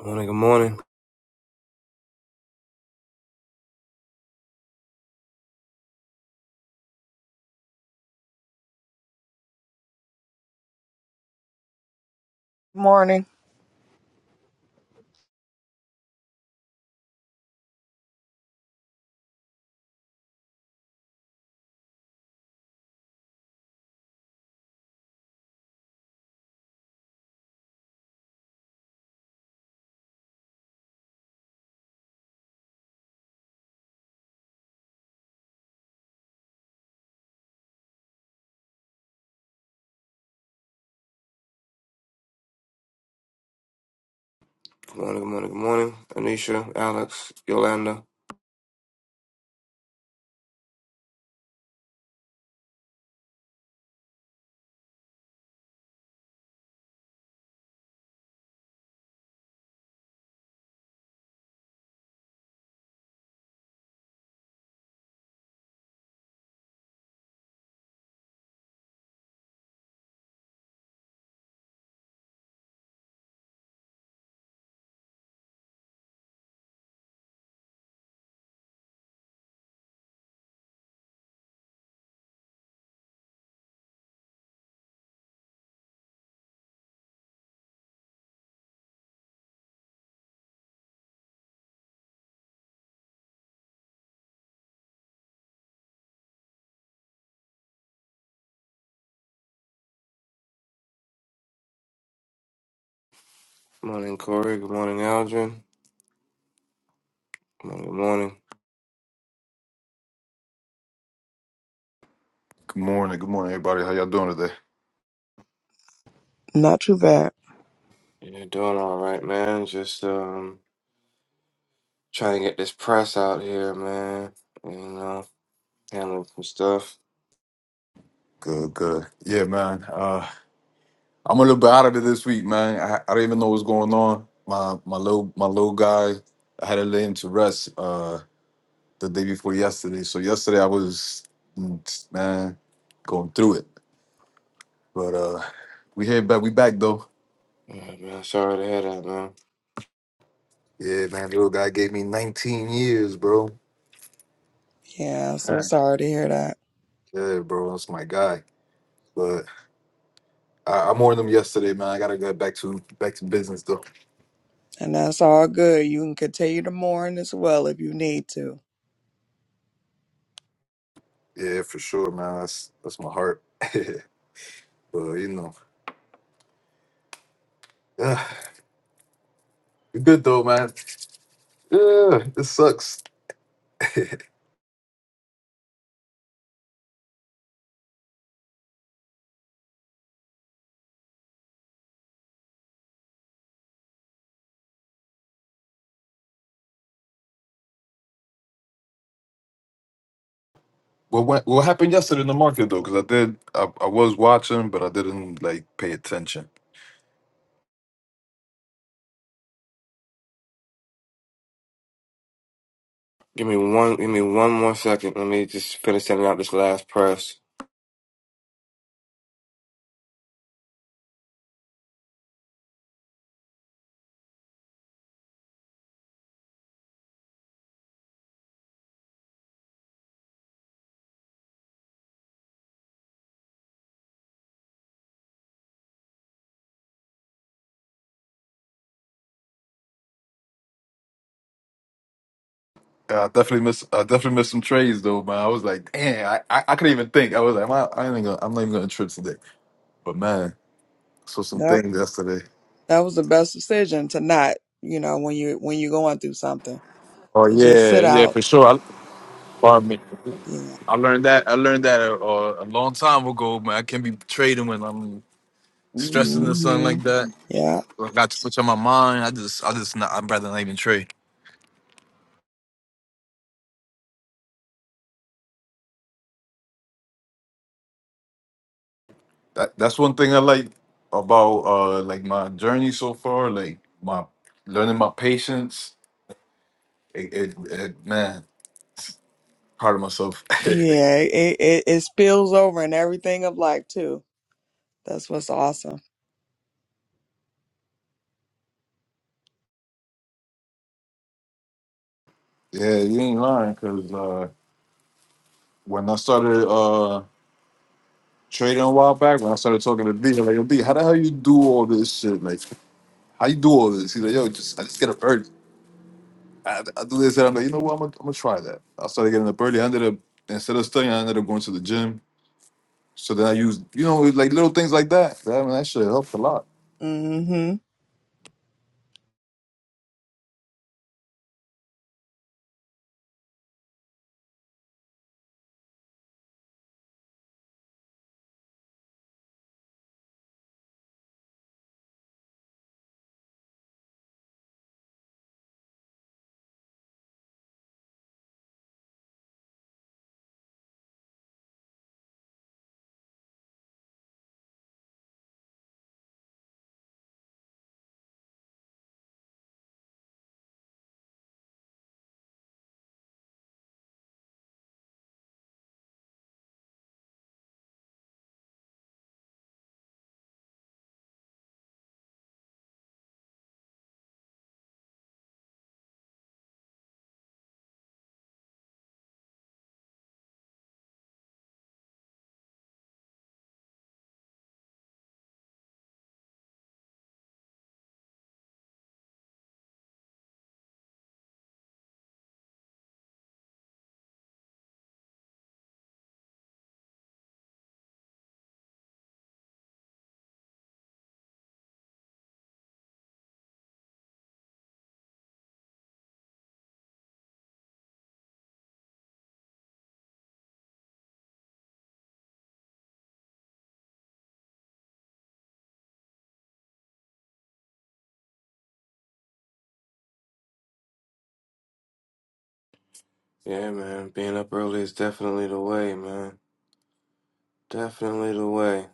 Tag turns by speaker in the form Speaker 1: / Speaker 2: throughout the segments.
Speaker 1: Good morning, good morning.
Speaker 2: Morning.
Speaker 1: Good morning, good morning, good morning. Anisha, Alex, Yolanda. Good morning, Corey. Good morning, Aldrin. Good morning, good morning.
Speaker 3: Good morning. Good morning, everybody. How y'all doing today?
Speaker 2: Not too bad.
Speaker 1: You're doing all right, man. Just um trying to get this press out here, man. You know, handling some stuff.
Speaker 3: Good, good. Yeah, man. Uh, I'm a little bit out of it this week, man. I, I didn't even know what was going on. My my little my little guy, I had to lay him to rest uh the day before yesterday. So yesterday I was mm, man going through it. But uh we here back we back though.
Speaker 1: Yeah, man, sorry to hear that, man.
Speaker 3: Yeah, man, little guy gave me 19 years, bro.
Speaker 2: Yeah, I'm so sorry to hear that.
Speaker 3: Yeah, bro, that's my guy. But I, I mourned him yesterday, man. I gotta get back to back to business though.
Speaker 2: And that's all good. You can continue to mourn as well if you need to.
Speaker 3: Yeah, for sure, man. That's that's my heart. but you know, yeah, it's good though, man. Yeah, it sucks. What went, what happened yesterday in the market though? Because I did, I, I was watching, but I didn't like pay attention.
Speaker 1: Give me one give me one more second. Let me just finish sending out this last press.
Speaker 3: Yeah, I definitely miss, I definitely missed some trades though, man. I was like, damn, I, I, I couldn't even think. I was like, man, I ain't even gonna, I'm not even gonna trip today. But man, I saw some
Speaker 2: That
Speaker 3: things yesterday.
Speaker 2: that was the best decision to not, you know, when you when you're going through something.
Speaker 3: Oh
Speaker 2: To just
Speaker 3: yeah,
Speaker 2: sit
Speaker 3: yeah,
Speaker 2: out.
Speaker 3: for sure. I, pardon me.
Speaker 2: Yeah.
Speaker 3: I learned that. I learned that a, a a long time ago, man. I can't be trading when I'm stressing the sun
Speaker 2: hmm
Speaker 3: like that.
Speaker 2: Yeah.
Speaker 3: I got too much on my mind. I just, I just, not, I'd rather not even trade. That that's one thing I like about uh like my journey so far, like my learning my patience. It, it, it man, proud of myself.
Speaker 2: Yeah.
Speaker 3: yeah,
Speaker 2: It, it it spills over in everything of life too. That's what's awesome.
Speaker 3: you ain't lying, cause uh when I started uh trading a while back, when I started talking to B, I'm like, yo, B, how the hell you do all this shit? Like, how you do all this? He's like, yo, just I just get a bird. I, I literally said, I'm like, you know what? I'm gonna, I'm gonna try that. I started getting up early. I ended up instead of studying, I ended up going to the gym. So then I used, you know, like little things like that. That, I mean, that shit helped a lot.
Speaker 2: Mm-hmm.
Speaker 1: Yeah, man. Being up early is definitely the way, man. Definitely the way.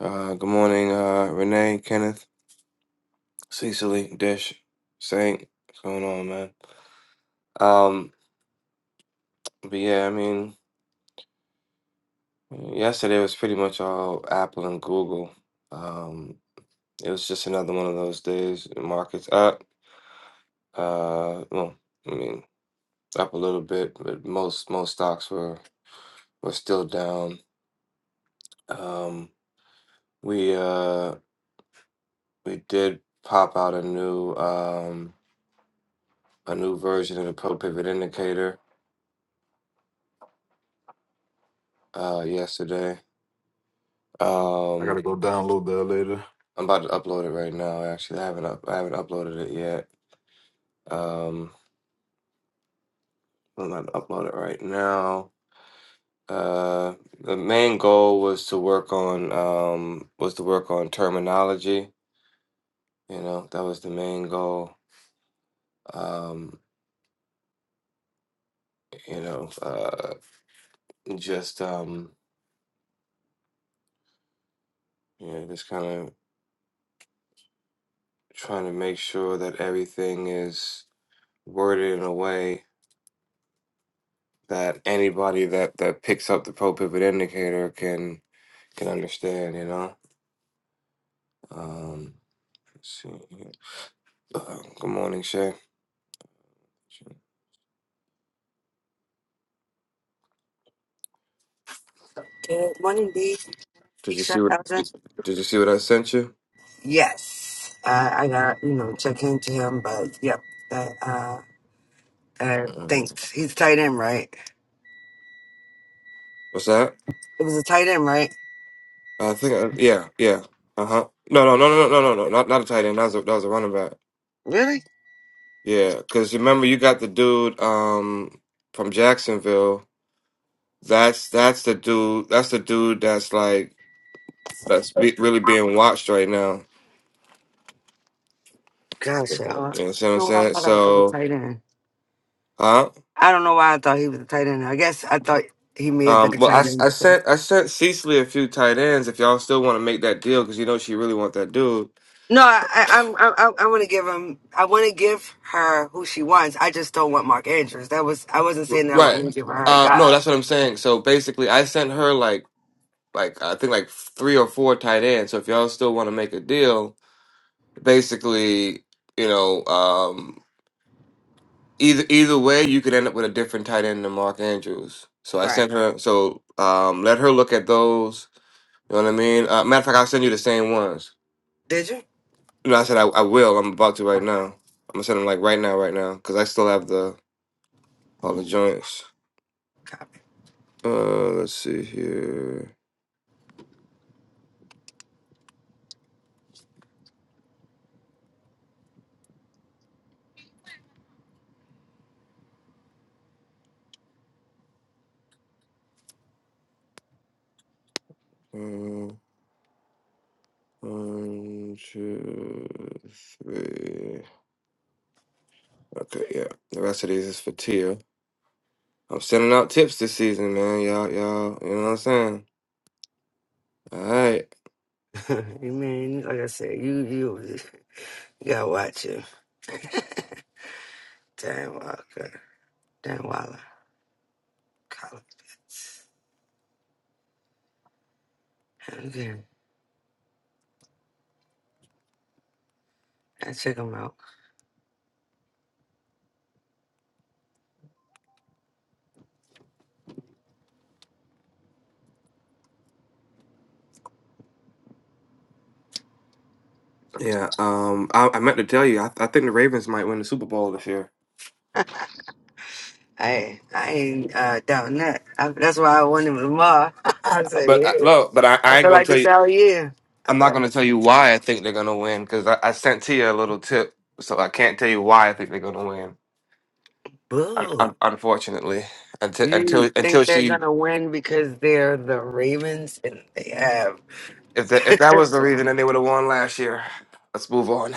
Speaker 1: Uh good morning, uh Renee, Kenneth. Cecily, Dish, Saint, what's going on, man? Um, but yeah, I mean, yesterday was pretty much all Apple and Google. Um, it was just another one of those days. the Markets up. Uh, well, I mean, up a little bit, but most most stocks were were still down. Um, we uh we did pop out a new um a new version of the pro pivot indicator uh yesterday.
Speaker 3: I
Speaker 1: Um,
Speaker 3: gotta go download that later.
Speaker 1: I'm about to upload it right now. Actually, I haven't up, I haven't uploaded it yet. Um, I'm about to upload it right now. Uh, the main goal was to work on um was to work on terminology. You know, that was the main goal. Um, you know, uh, just um, you know, just kind of trying to make sure that everything is worded in a way that anybody that that picks up the pro pivot indicator can can understand. You know. Um, See, uh, good morning, Shay.
Speaker 4: Good morning, D.
Speaker 1: Did you
Speaker 4: Keisha,
Speaker 1: see what?
Speaker 4: Elgin.
Speaker 1: Did, did you see what I sent you?
Speaker 4: Yes, uh, I got you know check in to him, but yep. That, uh, uh,
Speaker 1: Uh,
Speaker 4: thanks. He's tight end, right?
Speaker 1: what's that?
Speaker 4: It was a tight end, right?
Speaker 1: I think. I, yeah, yeah. Uh huh. No, no, no, no, no, no, no. Not not a tight end. That was a, that was a running back.
Speaker 4: Really?
Speaker 1: Yeah, because remember you got the dude um from Jacksonville. That's that's the dude. That's the dude that's like that's be, really being watched right now.
Speaker 4: Gosh, I
Speaker 1: You
Speaker 4: don't
Speaker 1: know what I'm
Speaker 4: know why I
Speaker 1: saying?
Speaker 4: thought I was a
Speaker 1: So,
Speaker 4: tight end.
Speaker 1: huh?
Speaker 4: I don't know why I thought he was a tight end. I guess I thought he may have been
Speaker 1: Um,
Speaker 4: a
Speaker 1: well, I,
Speaker 4: tight
Speaker 1: s-
Speaker 4: end
Speaker 1: I
Speaker 4: because.
Speaker 1: sent I sent Cecily a few tight ends if y'all still want to make that deal because you know she really want that dude,
Speaker 4: No, I, I, I'm, I, I I want to give him. I want to give her who she wants. I just don't want Mark Andrews. That was. I wasn't saying that I
Speaker 1: right?
Speaker 4: wasn't going to give her a
Speaker 1: Uh, no,
Speaker 4: guy.
Speaker 1: that's what I'm saying. So basically, I sent her like like I think like three or four tight ends. So if y'all still want to make a deal, basically, you know, um, either either way, you could end up with a different tight end than Mark Andrews. So I
Speaker 4: Right.
Speaker 1: sent her. So um, let her look at those. You know what I mean? Uh, matter of fact, I'll send you the same ones.
Speaker 4: Did you?
Speaker 1: No, I said I, I will. I'm about to right
Speaker 4: Oh,
Speaker 1: now. I'm gonna send them like right now, right now, because I still have the all the joints.
Speaker 4: God.
Speaker 1: Uh, let's see here. Uh, One, two, three. Okay, yeah. The rest of these is for Tia. I'm sending out tips this season, man. Y'all, y'all. You know what I'm saying? All right.
Speaker 4: Man, like I said, you you, you gotta watch him. Dan Walker, Dan Waller, Collins Pitts. Again, I check him out.
Speaker 1: Yeah. Um. I, I meant to tell you. I, I think the Ravens might win the Super Bowl this year.
Speaker 4: Hey, I ain't uh, doubting that. I, that's why I want him tomorrow. I said,
Speaker 1: But I,
Speaker 4: yeah.
Speaker 1: look, but I,
Speaker 4: I
Speaker 1: I ain't
Speaker 4: feel
Speaker 1: gonna
Speaker 4: like
Speaker 1: tell
Speaker 4: this
Speaker 1: you.
Speaker 4: all year. I
Speaker 1: I'm
Speaker 4: feel
Speaker 1: not
Speaker 4: like
Speaker 1: gonna tell
Speaker 4: this-
Speaker 1: you why I think they're gonna win because I, I sent Tia a little tip, so I can't tell you why I think they're gonna win. Un-
Speaker 4: boo.
Speaker 1: un- unfortunately, until until
Speaker 4: You think
Speaker 1: until
Speaker 4: they're
Speaker 1: she
Speaker 4: gonna win because they're the Ravens and they have
Speaker 1: if that if that was the reason, then they would have won last year. Let's move on.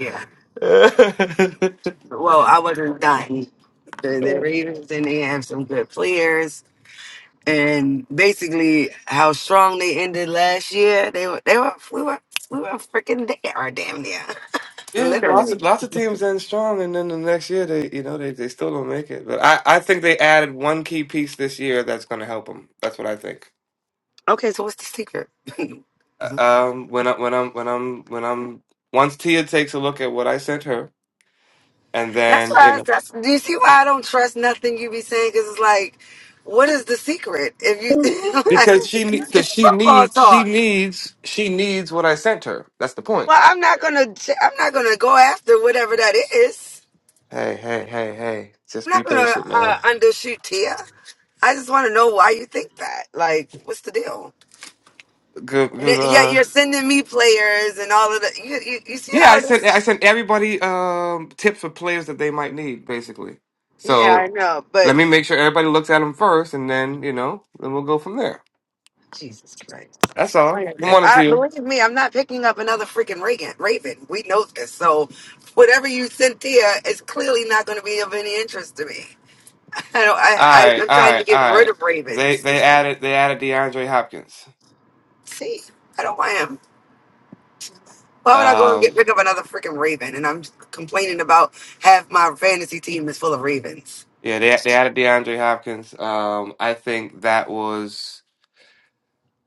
Speaker 4: yeah. Well, I wasn't dying. The, the Ravens and they have some good players and basically how strong they ended last year. They were they were we were we were freaking there or damn near.
Speaker 1: yeah, lots of
Speaker 4: Literally.
Speaker 1: lots of teams end strong, and then the next year they you know they, they still don't make it. But I I think they added one key piece this year that's gonna help them. That's what I think.
Speaker 4: Okay, so what's the secret?
Speaker 1: Uh, um when I when I'm when I'm when I'm once Tia takes a look at what I sent her and
Speaker 4: that's
Speaker 1: then you
Speaker 4: why I,
Speaker 1: know
Speaker 4: that's do you see why I don't trust nothing you be saying? Cause it's like, what is the secret? If you like
Speaker 1: because she because
Speaker 4: it's
Speaker 1: she
Speaker 4: football
Speaker 1: needs she
Speaker 4: talk.
Speaker 1: needs she needs what I sent her. That's the point.
Speaker 4: Well, I'm not gonna j- I'm not gonna go after whatever that is.
Speaker 1: Hey, hey, hey, hey. Just
Speaker 4: I'm
Speaker 1: be
Speaker 4: not gonna
Speaker 1: patient,
Speaker 4: uh,
Speaker 1: man.
Speaker 4: undershoot Tia. I just want to know why you think that. Like, what's the deal?
Speaker 1: Good
Speaker 4: And
Speaker 1: good
Speaker 4: it, yeah,
Speaker 1: uh
Speaker 4: you're sending me players and all of that. You, you, you see
Speaker 1: yeah, I
Speaker 4: how
Speaker 1: sent I
Speaker 4: this?
Speaker 1: sent everybody um tips for players that they might need, basically.
Speaker 4: Yeah,
Speaker 1: So
Speaker 4: I know, but
Speaker 1: let me make sure everybody looks at them first and then, you know, then we'll go from there.
Speaker 4: Jesus Christ.
Speaker 1: That's all.
Speaker 4: Like I
Speaker 1: Good
Speaker 4: said,
Speaker 1: morning
Speaker 4: I
Speaker 1: to you.
Speaker 4: believe me, I'm not picking up another freaking Reagan, Raven. We know this. So whatever you sent there is clearly not going to be of any interest to me. I don't,
Speaker 1: All
Speaker 4: I, I,
Speaker 1: right,
Speaker 4: I'm
Speaker 1: all
Speaker 4: trying to
Speaker 1: right,
Speaker 4: get
Speaker 1: all
Speaker 4: rid
Speaker 1: right.
Speaker 4: of
Speaker 1: They they
Speaker 4: Ravens.
Speaker 1: added they added DeAndre Hopkins.
Speaker 4: See, I don't want him. Why would I go and get
Speaker 1: Um,
Speaker 4: pick up another freaking Raven? And I'm complaining about half my fantasy team is full of Ravens.
Speaker 1: yeah, they they added DeAndre Hopkins. Um, I think that was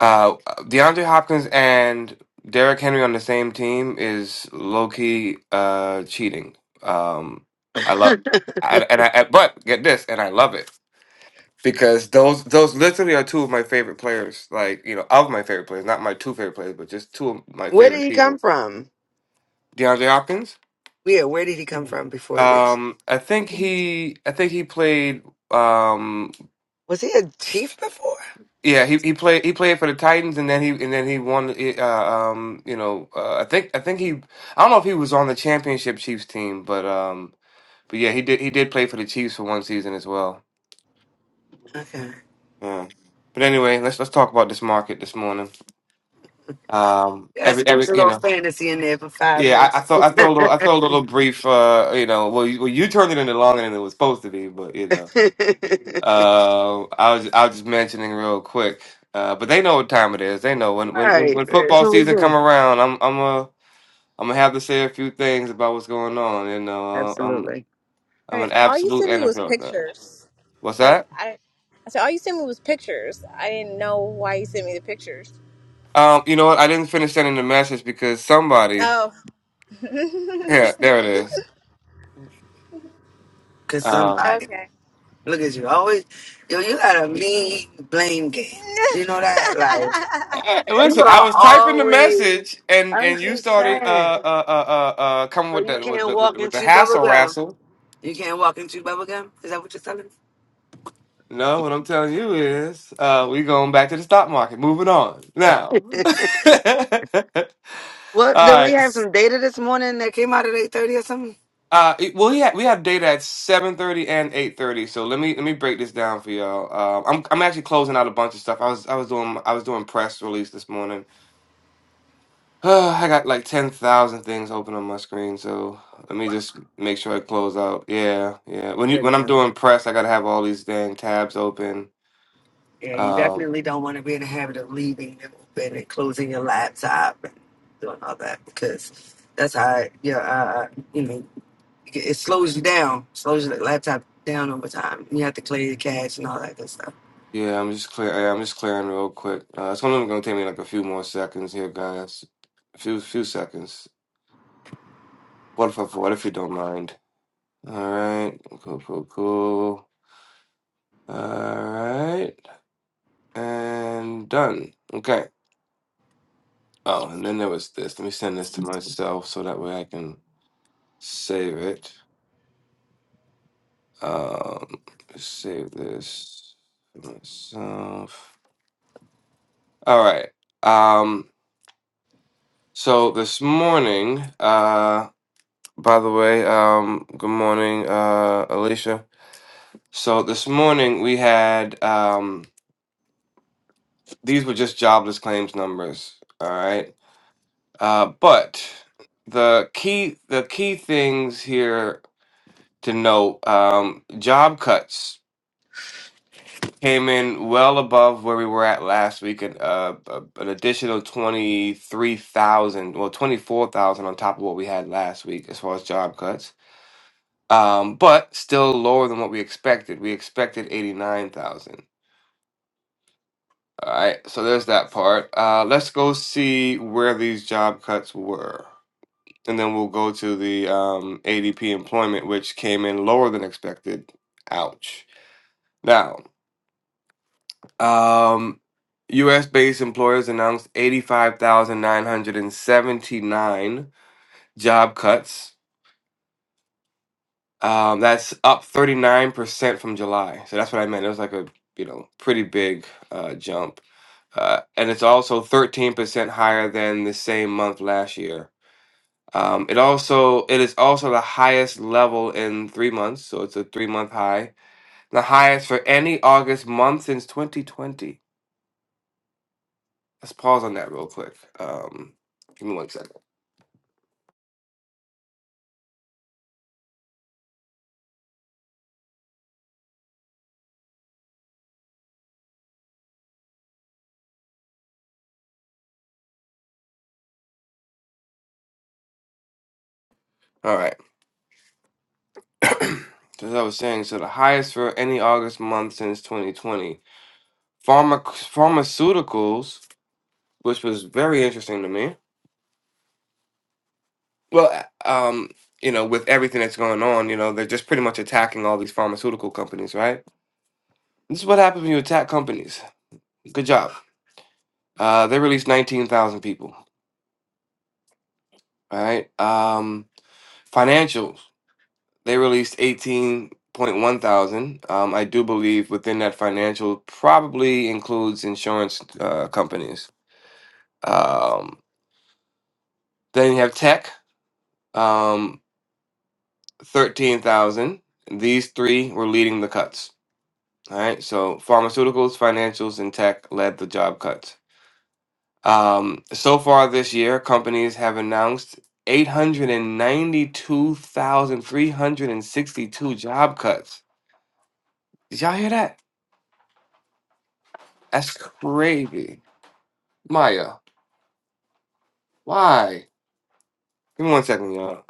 Speaker 1: uh DeAndre Hopkins and Derrick Henry on the same team is low key uh cheating. Um, I love I, and I but get this and I love it because those those literally are two of my favorite players. Like you know of my favorite players, not my two favorite players, but just two of my
Speaker 4: Where did
Speaker 1: favorite
Speaker 4: he come
Speaker 1: people.
Speaker 4: from?
Speaker 1: DeAndre Hopkins.
Speaker 4: Yeah, where did he come from before he reached?
Speaker 1: Um, I think he, I think he played. Um,
Speaker 4: Was he a chief before?
Speaker 1: yeah, he, he played he played for the Titans, and then he and then he won. eh, Uh, um, you know, uh, I think I think he. I don't know if he was on the championship Chiefs team, but um, but yeah, he did he did play for the Chiefs for one season as well.
Speaker 4: Okay.
Speaker 1: Yeah. But anyway, let's let's talk about this market this morning. Um,
Speaker 4: Yeah,
Speaker 1: every every
Speaker 4: squeeze a
Speaker 1: you
Speaker 4: little
Speaker 1: know.
Speaker 4: fantasy in there for five
Speaker 1: Yeah, I, I
Speaker 4: minutes.
Speaker 1: thought
Speaker 4: All
Speaker 1: I thought a little, I thought a little brief. Uh, you know, well, you, well, you turned it into longer than it was supposed to be, but you know. Uh, I was I was just mentioning real quick, uh, but they know what time it is. They know when when when,
Speaker 4: right,
Speaker 1: when
Speaker 4: that's
Speaker 1: football
Speaker 4: what we
Speaker 1: season come
Speaker 4: do.
Speaker 1: around. I'm I'm a I'm gonna have to say a few things about what's going on. You know, uh, I'm
Speaker 4: Absolutely.
Speaker 1: I'm
Speaker 5: Right.
Speaker 1: an
Speaker 5: All you
Speaker 1: absolute
Speaker 5: sent me was
Speaker 1: NFL fan.
Speaker 5: pictures.
Speaker 1: What's
Speaker 5: Like
Speaker 1: that?
Speaker 5: I, I said, all you sent me was pictures. I didn't know why you sent me the pictures.
Speaker 1: Um, you know what? I didn't finish sending the message because somebody.
Speaker 5: Oh,
Speaker 1: Yeah, there it is.
Speaker 4: Because
Speaker 1: Um,
Speaker 4: somebody,
Speaker 5: okay.
Speaker 4: look at you, always, yo, you got a mean blame game. You know that? Like,
Speaker 1: eh,
Speaker 4: you
Speaker 1: listen, I
Speaker 4: are
Speaker 1: was typing the
Speaker 4: always,
Speaker 1: message and
Speaker 4: I'm
Speaker 1: and you
Speaker 4: just
Speaker 1: started
Speaker 4: saying.
Speaker 1: uh uh uh uh, uh coming
Speaker 4: So
Speaker 1: with
Speaker 4: you
Speaker 1: the with
Speaker 4: can't
Speaker 1: the with
Speaker 4: walk
Speaker 1: the,
Speaker 4: and
Speaker 1: with the
Speaker 4: chew bubble gum.
Speaker 1: hassle
Speaker 4: You can't walk and chew bubble gum? Is that what you're telling me?
Speaker 1: No, what I'm telling you is, uh, we going back to the stock market. Moving on now. All
Speaker 4: What? Did we
Speaker 1: right.
Speaker 4: have
Speaker 1: S-
Speaker 4: some data this morning that came out at 8.30 or
Speaker 1: Uh, it- well, yeah, we had data at 7:30 and 8:30. So let me let me break this down for y'all. Uh, I'm I'm actually closing out a bunch of stuff. I was I was doing I was doing press release this morning. I got like 10,000 things open on my screen. So let me just make sure I close out. Yeah, yeah. When you when I'm
Speaker 4: something?
Speaker 1: doing press, I gotta have all these dang tabs open.
Speaker 4: Yeah, you
Speaker 1: Um,
Speaker 4: definitely don't want to be in the habit of leaving it open and closing your laptop and doing all that because that's how your uh, uh, you know it slows you down, slows your laptop down over time. You have to clear your cache and all that good stuff.
Speaker 1: Yeah, I'm just clear. yeah, I'm just clearing real quick. Uh, it's only gonna take me like a few more seconds here, guys. A few few seconds. What if I, what if you don't mind? All right, cool, cool, cool. All right, and done. Okay. Oh, and then there was this. Let me send this to myself so that way I can save it. Um, save this for myself. All right. Um, so this morning, uh. By the way, um, good morning, uh, Alicia. So this morning we had um, these were just jobless claims numbers, all right. Uh, but the key the key things here to note: um, job cuts came in well above where we were at last week, and uh, a- an additional twenty three thousand, well twenty four thousand on top of what we had last week as far as job cuts. um, but still lower than what we expected. We expected 89,000. All right, so there's that part. Uh, let's go see where these job cuts were. And then we'll go to the um, ADP employment, which came in lower than expected. Ouch. Now, um, US based employers announced 85,979 job cuts Um, that's up 39% from July. So that's what I meant. It was like a, you know, pretty big uh, jump. Uh, and it's also 13% higher than the same month last year. Um, it also it is also the highest level in three months, so it's a three month high. The highest for any August month since 2020. Let's pause on that real quick. Um, give me one second. All right. so as I was saying, so the highest for any August month since 2020. pharma- pharmaceuticals, which was very interesting to me. Well, um, you know, with everything that's going on, you know, they're just pretty much attacking all these pharmaceutical companies, right? This is what happens when you attack companies. Good job. Uh, they released 19,000 people, right? Um, financials, they released 18.1 thousand. Um, I do believe within that financial probably includes insurance uh, companies. Um, then you have tech. Um. 13,000. These three were leading the cuts. All right. So pharmaceuticals, financials, and tech led the job cuts. Um, so far this year, companies have announced 892,362 job cuts. Did y'all hear that? That's crazy. Maya, why? Give me one second, y'all.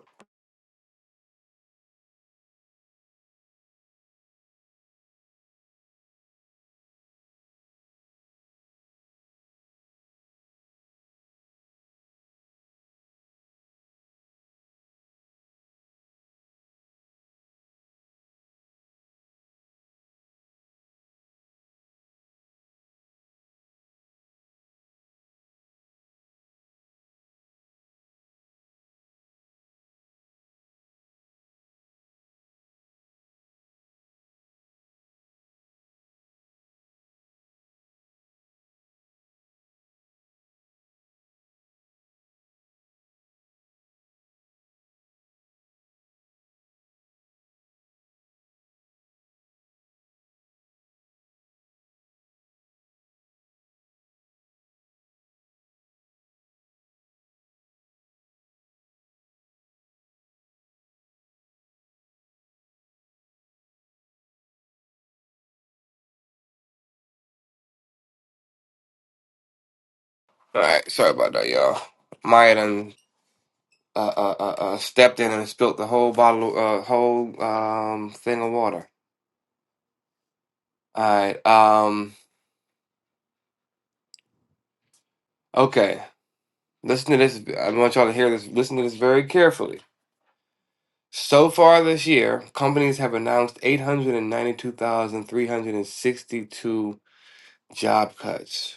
Speaker 1: All right. Sorry about that, y'all. Maya done uh, uh, uh, uh, stepped in and spilt the whole bottle, uh, whole um, thing of water. All right. Um. Okay. Listen to this. I want y'all to hear this. Listen to this very carefully. So far this year, companies have announced 892,362 job cuts.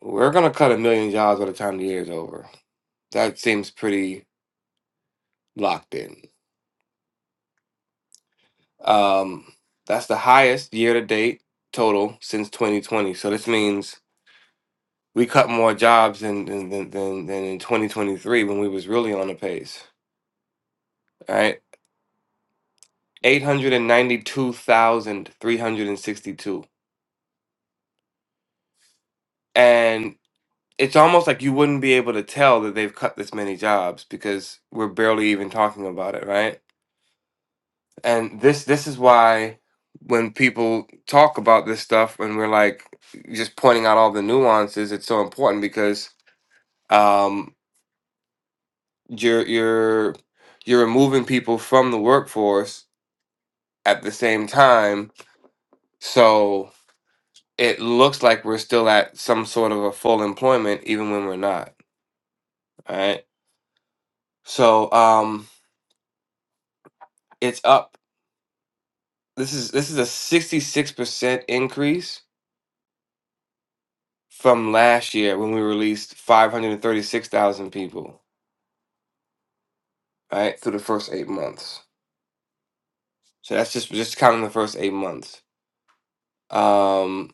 Speaker 1: We're gonna cut a million jobs by the time the year's over. That seems pretty locked in. Um, that's the highest year-to-date total since 2020. So this means we cut more jobs than than than, than than in 2023 when we was really on the pace. Right. 892,362. And ninety-two thousand three hundred and sixty-two. And it's almost like you wouldn't be able to tell that they've cut this many jobs because we're barely even talking about it, right? And this this is why when people talk about this stuff and we're like just pointing out all the nuances, it's so important because um you're you're you're removing people from the workforce at the same time. so. it looks like we're still at some sort of a full employment even when we're not all right so um it's up this is this is a 66% increase from last year when we released 536,000 people right, through the first 8 months so that's just just counting the first 8 months um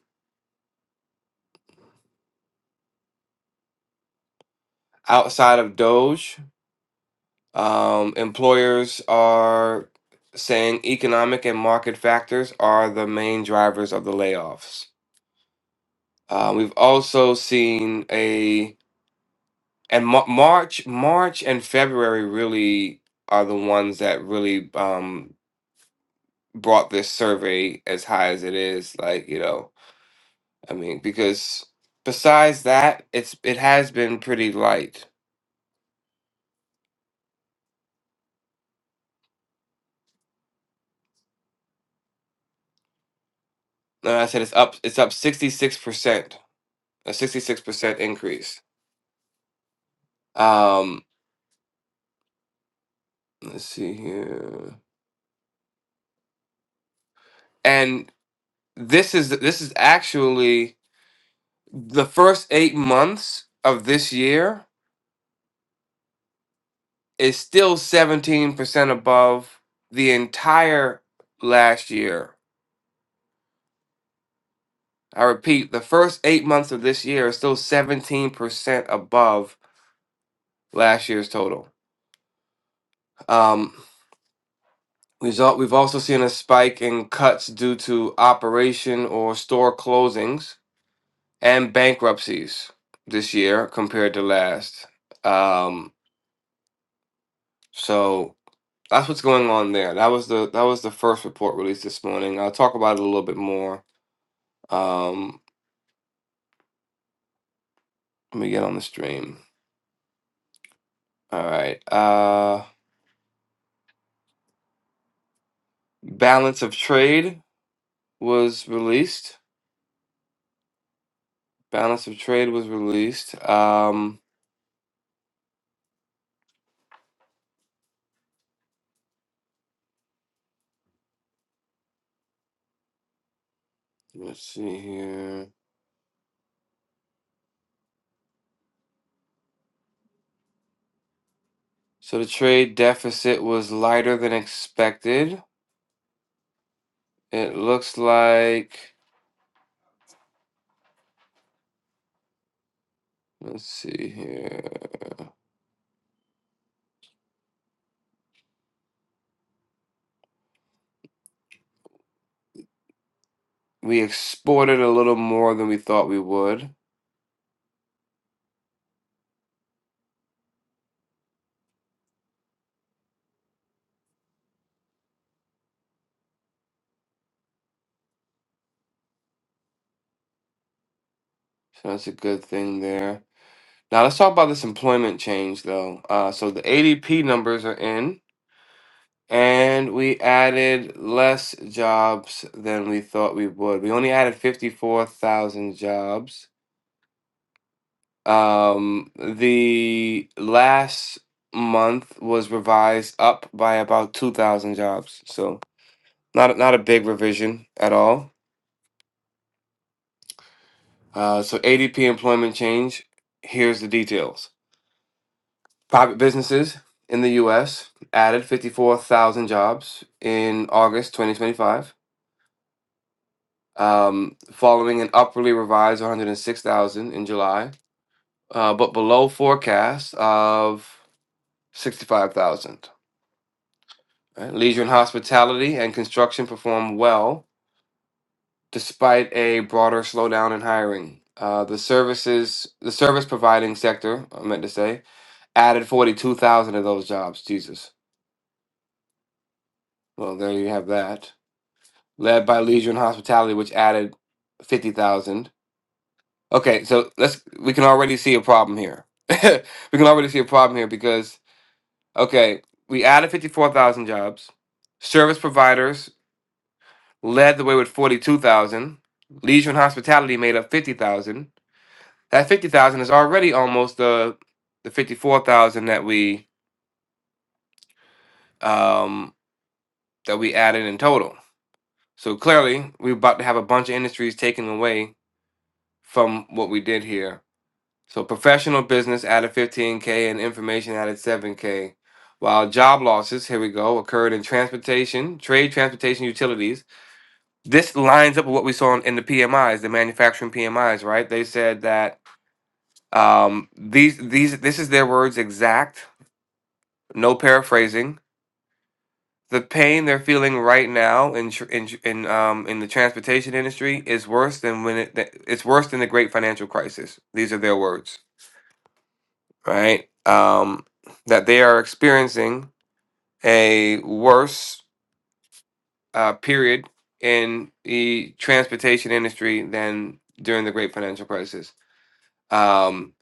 Speaker 1: outside of doge um employers are saying economic and market factors are the main drivers of the layoffs Uh, we've also seen a and Mar- March, March and February really are the ones that really um, brought this survey as high as it is. Like you know, I mean, because besides that, it's it has been pretty light. Like I said it's up. It's up sixty six percent, a sixty six percent increase. Um, let's see here, and this is this is actually the first eight months of this year is still 17% above the entire last year. I repeat, the first eight months of this year is still 17% above last year's total. Um, result, we've also seen a spike in cuts due to operation or store closings and bankruptcies this year compared to last. Um, so that's what's going on there. That was the that was the first report released this morning. I'll talk about it a little bit more. Um, Let me get on the stream. All right. Uh, Balance of Trade was released. Balance of Trade was released. Um, let's see here. So the trade deficit was lighter than expected. It looks like, let's see here. We exported a little more than we thought we would. So that's a good thing there. Now let's talk about this employment change though. Uh, so the ADP numbers are in. And we added less jobs than we thought we would. We only added 54,000 jobs. Um, the last month was revised up by about 2,000 jobs. So not not a big revision at all. Uh, so ADP employment change. Here's the details. Private businesses in the U.S. added 54,000 jobs in August 2025. um, following an upwardly revised 106,000 in July, uh, but below forecast of 65,000. Right? Leisure and hospitality and construction performed well despite a broader slowdown in hiring. Uh, the services, the service providing sector, I meant to say, added 42,000 of those jobs. Jesus. Well, there you have that. Led by leisure and hospitality, which added 50,000 Okay, so let's we can already see a problem here. we can already see a problem here because okay, we added 54,000 jobs. Service providers led the way with 42,000. Leisure and hospitality made up 50,000. That 50,000 is already almost the the 54,000 that we um that we added in total. So clearly, we're about to have a bunch of industries taken away from what we did here So professional business added 15K and information added 7K. While job losses, here we go, occurred in transportation, trade, transportation, utilities. This lines up with what we saw in, in the PMIs, the manufacturing PMIs, right? They said that um, these these this is their words exact, no paraphrasing. The pain they're feeling right now in tr- in tr- in um, in the transportation industry is worse than when it th- it's worse than the great financial crisis. These are their words. right? Um, that they are experiencing a worse uh, period in the transportation industry than during the Great Financial Crisis. Um,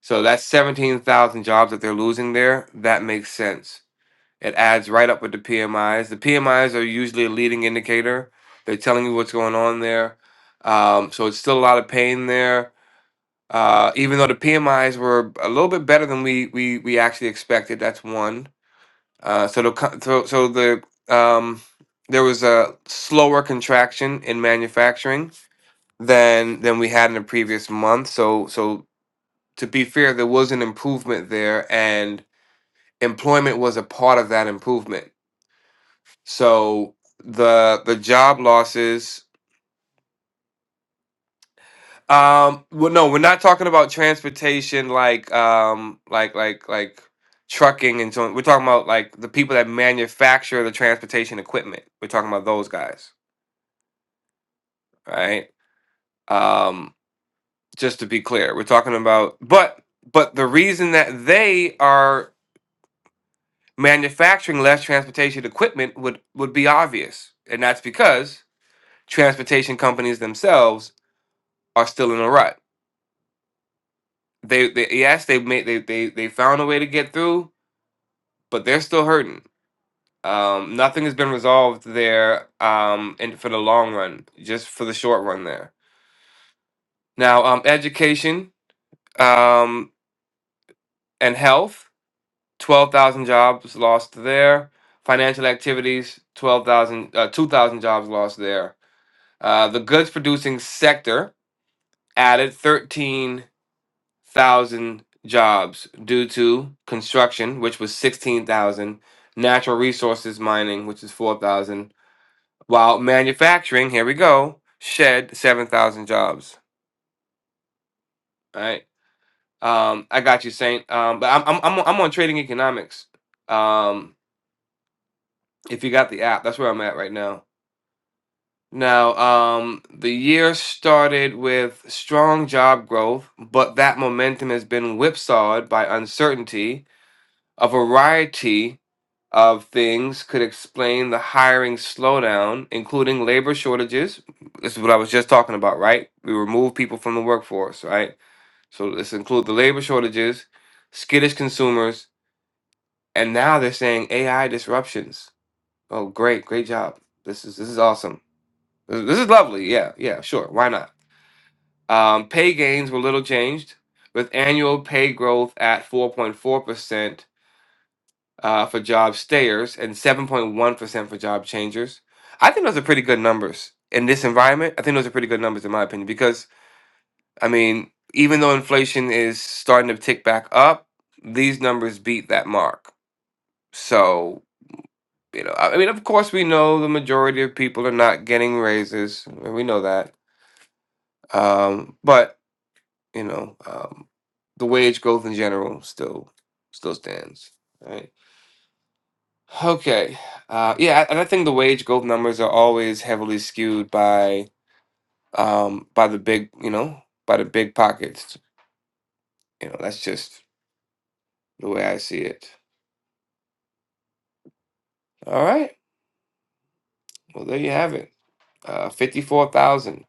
Speaker 1: so that's 17,000 jobs that they're losing there. That makes sense. It adds right up with the PMIs. The PMIs are usually a leading indicator. They're telling you what's going on there. Um, so it's still a lot of pain there. Uh, even though the PMIs were a little bit better than we we we actually expected, that's one Uh, so the co- so, so the um, there was a slower contraction in manufacturing than than we had in the previous month. So so to be fair, there was an improvement there, and employment was a part of that improvement. So the the job losses. Um, well, no, we're not talking about transportation like um like like like trucking and so on. We're talking about like the people that manufacture the transportation equipment. We're talking about those guys right? um, just to be clear we're talking about but but the reason that they are manufacturing less transportation equipment would would be obvious and that's because transportation companies themselves are still in a rut they, they yes they made they, they they found a way to get through but they're still hurting um, nothing has been resolved there um, and for the long run just for the short run there now um, education um, and health 12,000 jobs lost there. Financial activities, 12,000, uh, 2,000 jobs lost there. Uh, the goods producing sector added 13,000 jobs due to construction, which was 16,000, natural resources mining, which is 4,000, while manufacturing, here we go, shed 7,000 jobs. All right. Um, I got you, Saint. Um, but I'm, I'm, I'm, on- I'm on trading economics. Um, if you got the app, that's where I'm at right now. Now, um, the year started with strong job growth, but that momentum has been whipsawed by uncertainty. A variety of things could explain the hiring slowdown, including labor shortages. This is what I was just talking about, right? We remove people from the workforce, right? So let's include the labor shortages, skittish consumers, and now they're saying AI disruptions. Oh, great, great job. This is this is awesome. This this is lovely. Yeah, yeah, sure. Why not? Um, pay gains were little changed, with annual pay growth at 4.4% uh, for job stayers and 7.1% for job changers. I think those are pretty good numbers in this environment. I think those are pretty good numbers, in my opinion, because, I mean, even though inflation is starting to tick back up, these numbers beat that mark. So, you know, I I mean, of course, we know the majority of people are not getting raises. We know that. Um, but you know, um, the wage growth in general still still stands. Right. Okay. Uh, yeah, and I think the wage growth numbers are always heavily skewed by um, by the big, you know, by the big pockets. You know, that's just the way I see it. All right. Well, there you have it. Uh, Fifty-four thousand.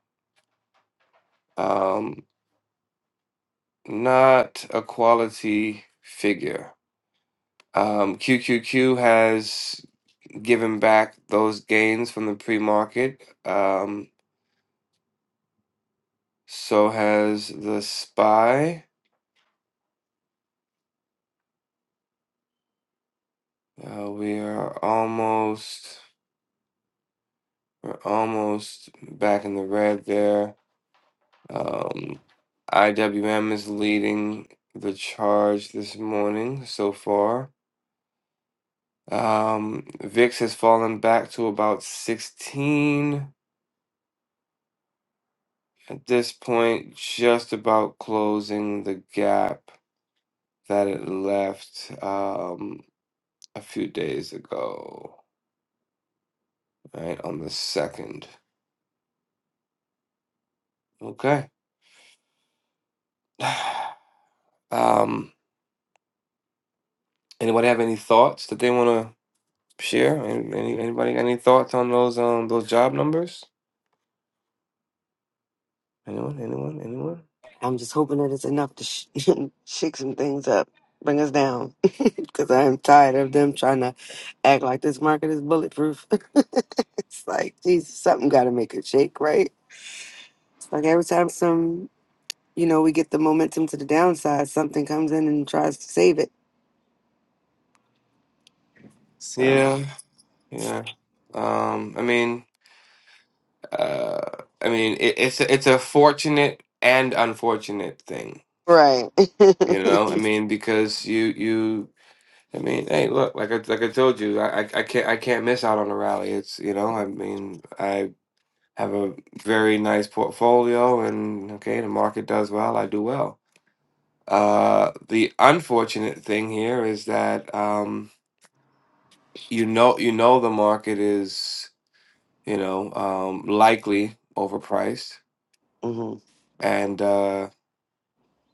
Speaker 1: Um, not a quality figure. Um, QQQ has given back those gains from the pre-market. Um, So has the spy. Uh, we are almost we're almost back in the red there. Um, IWM is leading the charge this morning so far. Um, VIX has fallen back to about 16 at this point, just about closing the gap that it left um, a few days ago, right on the second. Okay. um, anybody have any thoughts that they want to share? Any, any anybody got any thoughts on those um those job numbers? Anyone? Anyone? Anyone?
Speaker 4: I'm just hoping that it's enough to sh- shake some things up, bring us down, because I am tired of them trying to act like this market is bulletproof. it's like, geez, something got to make it shake, right? It's like every time some you know, we get the momentum to the downside. Something comes in and tries to save it. So
Speaker 1: Yeah, yeah. Um, I mean, uh, I mean, it, it's a, it's a fortunate and unfortunate thing,
Speaker 4: Right.
Speaker 1: you know. I mean, because you you. I mean, hey, look, like I like I told you, I, I I can't I can't miss out on the rally. It's you know, I mean, I. have a very nice portfolio and okay the market does well i do well uh the unfortunate thing here is that um you know you know the market is you know um likely overpriced
Speaker 4: hmm
Speaker 1: and uh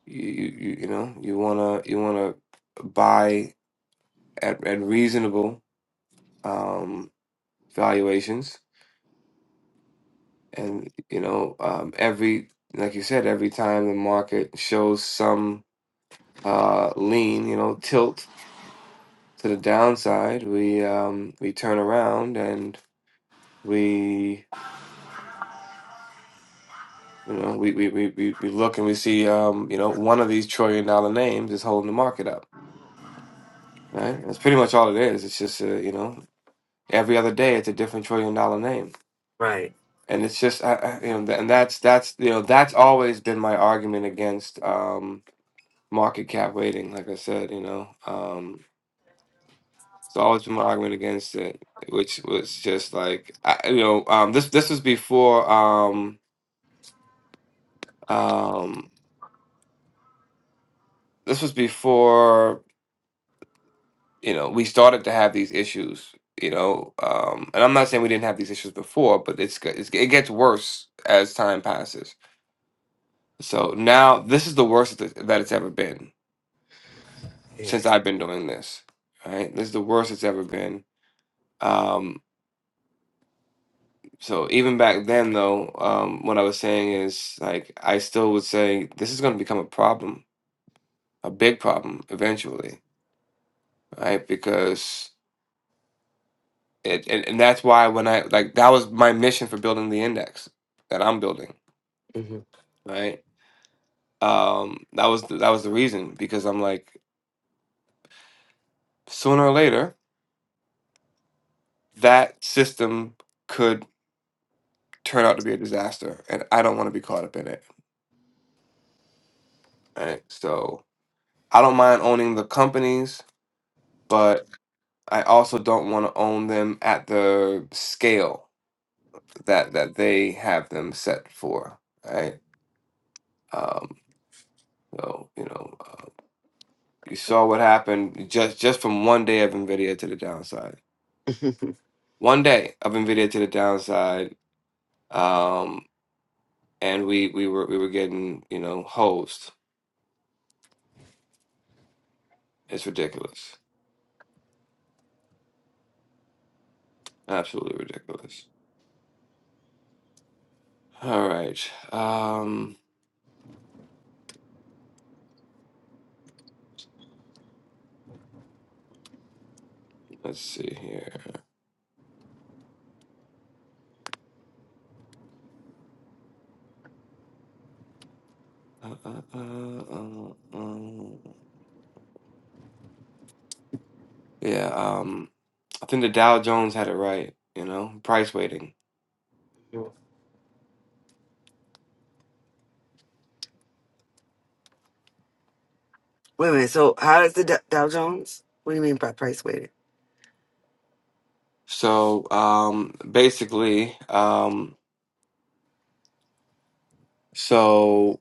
Speaker 1: you you, you know you want to you want to buy at, at reasonable um valuations and you know um every like you said every time the market shows some uh, lean, you know, tilt to the downside, we um, we turn around and we you know we we, we, we we look and we see um, you know one of these trillion dollar names is holding the market up. Right, that's pretty much all it is. It's just uh, you know every other day it's a different trillion dollar name,
Speaker 4: right,
Speaker 1: and it's just I, I, you know th- and that's that's you know that's always been my argument against um, market cap weighting. Like I said, you know. Um, So I was arguing against it, which was just like I, you know, um, this this was before um, um, this was before you know we started to have these issues, you know, um, and I'm not saying we didn't have these issues before, but it's, g- it's it gets worse as time passes. So now this is the worst that that it's ever been
Speaker 4: yeah.
Speaker 1: since I've been doing this. Right, this is the worst it's ever been. Um, So even back then, though, um, what I was saying is like I still would say this is going to become a problem, a big problem eventually, right? Because it and, and that's why when I like that was my mission for building the index that I'm building,
Speaker 4: hmm
Speaker 1: right? Um, that was the, that was the reason because I'm like sooner or later that system could turn out to be a disaster, and I don't want to be caught up in it, right? So I don't mind owning the companies, but I also don't want to own them at the scale that that they have them set for, right? Um, so you know, uh, you saw what happened just just from one day of Nvidia to the downside. One day of Nvidia to the downside, um, and we we were we were getting you know hosed. It's ridiculous, absolutely ridiculous. All right, um, let's see here. Uh, uh, uh, uh, uh. Yeah. um, I think the Dow Jones had it right, you know, price weighting.
Speaker 4: Wait a minute. So how is the Dow Dow Jones? What do you mean by price weighted?
Speaker 1: So um, basically, um, so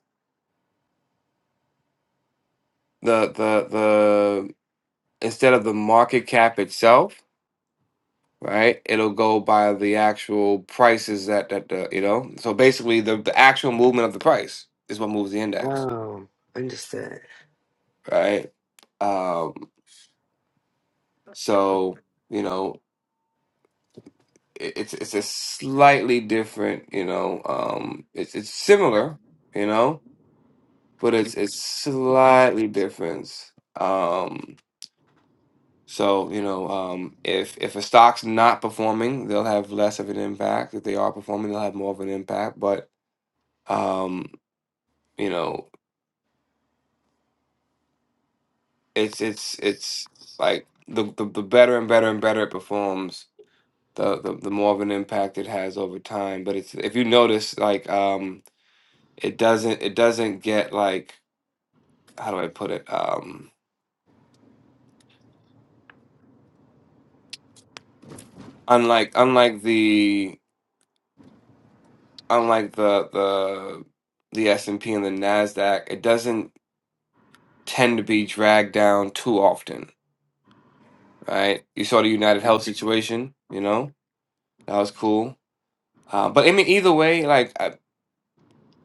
Speaker 1: the the the instead of the market cap itself, right? It'll go by the actual prices that that the you know. So basically, the the actual movement of the price is what moves the index,
Speaker 4: Oh, understood.
Speaker 1: right? Um, so you know, it, it's it's a slightly different, you know, um, it's it's similar, you know but it's it's slightly different. Um, so you know, um, if if a stock's not performing, they'll have less of an impact. If they are performing, they'll have more of an impact. But um, you know, it's it's it's like the, the the better and better and better it performs, the the, the more of an impact it has over time. But it's if you notice, like um, it doesn't it doesn't get like how do I put it? Um, unlike unlike the unlike the the the S and P and the Nasdaq, it doesn't tend to be dragged down too often, right? You saw the United Health situation, you know that was cool. Uh, but I mean, either way, like I,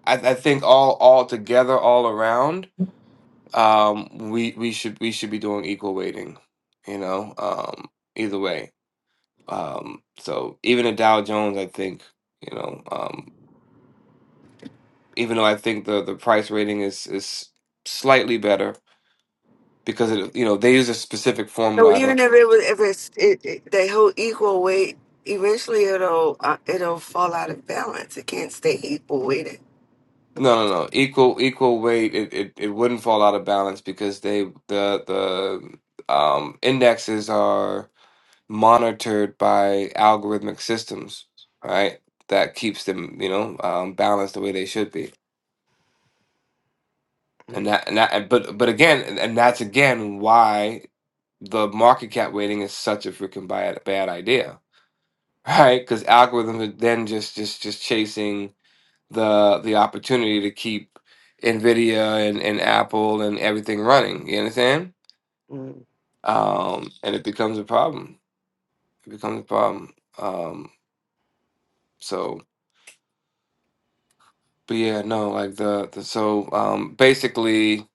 Speaker 1: I I think all all together, all around, um, we we should we should be doing equal weighting, you know. Um, either way, um, so even a Dow Jones, I think, you know, um, even though I think the the price rating is is slightly better because it, you know they use a specific
Speaker 4: So
Speaker 1: formula. I
Speaker 4: even
Speaker 1: don't.
Speaker 4: if it was, if it's it, it, they hold equal weight, eventually it'll uh, it'll fall out of balance. It can't stay equal weighted.
Speaker 1: No, no, no. Equal equal weight. It, it, it wouldn't fall out of balance because they the the um, indexes are monitored by algorithmic systems, right? That keeps them you know um, balanced the way they should be. And that and that. and- But but again, and and that's again why the market cap weighting is such a freaking bad bad idea, right? Because algorithms are then just just just chasing the the opportunity to keep Nvidia and, and Apple and everything running. You understand? Um, and it becomes a problem. It becomes a problem. Um, so, but yeah, no, like the, the so um, basically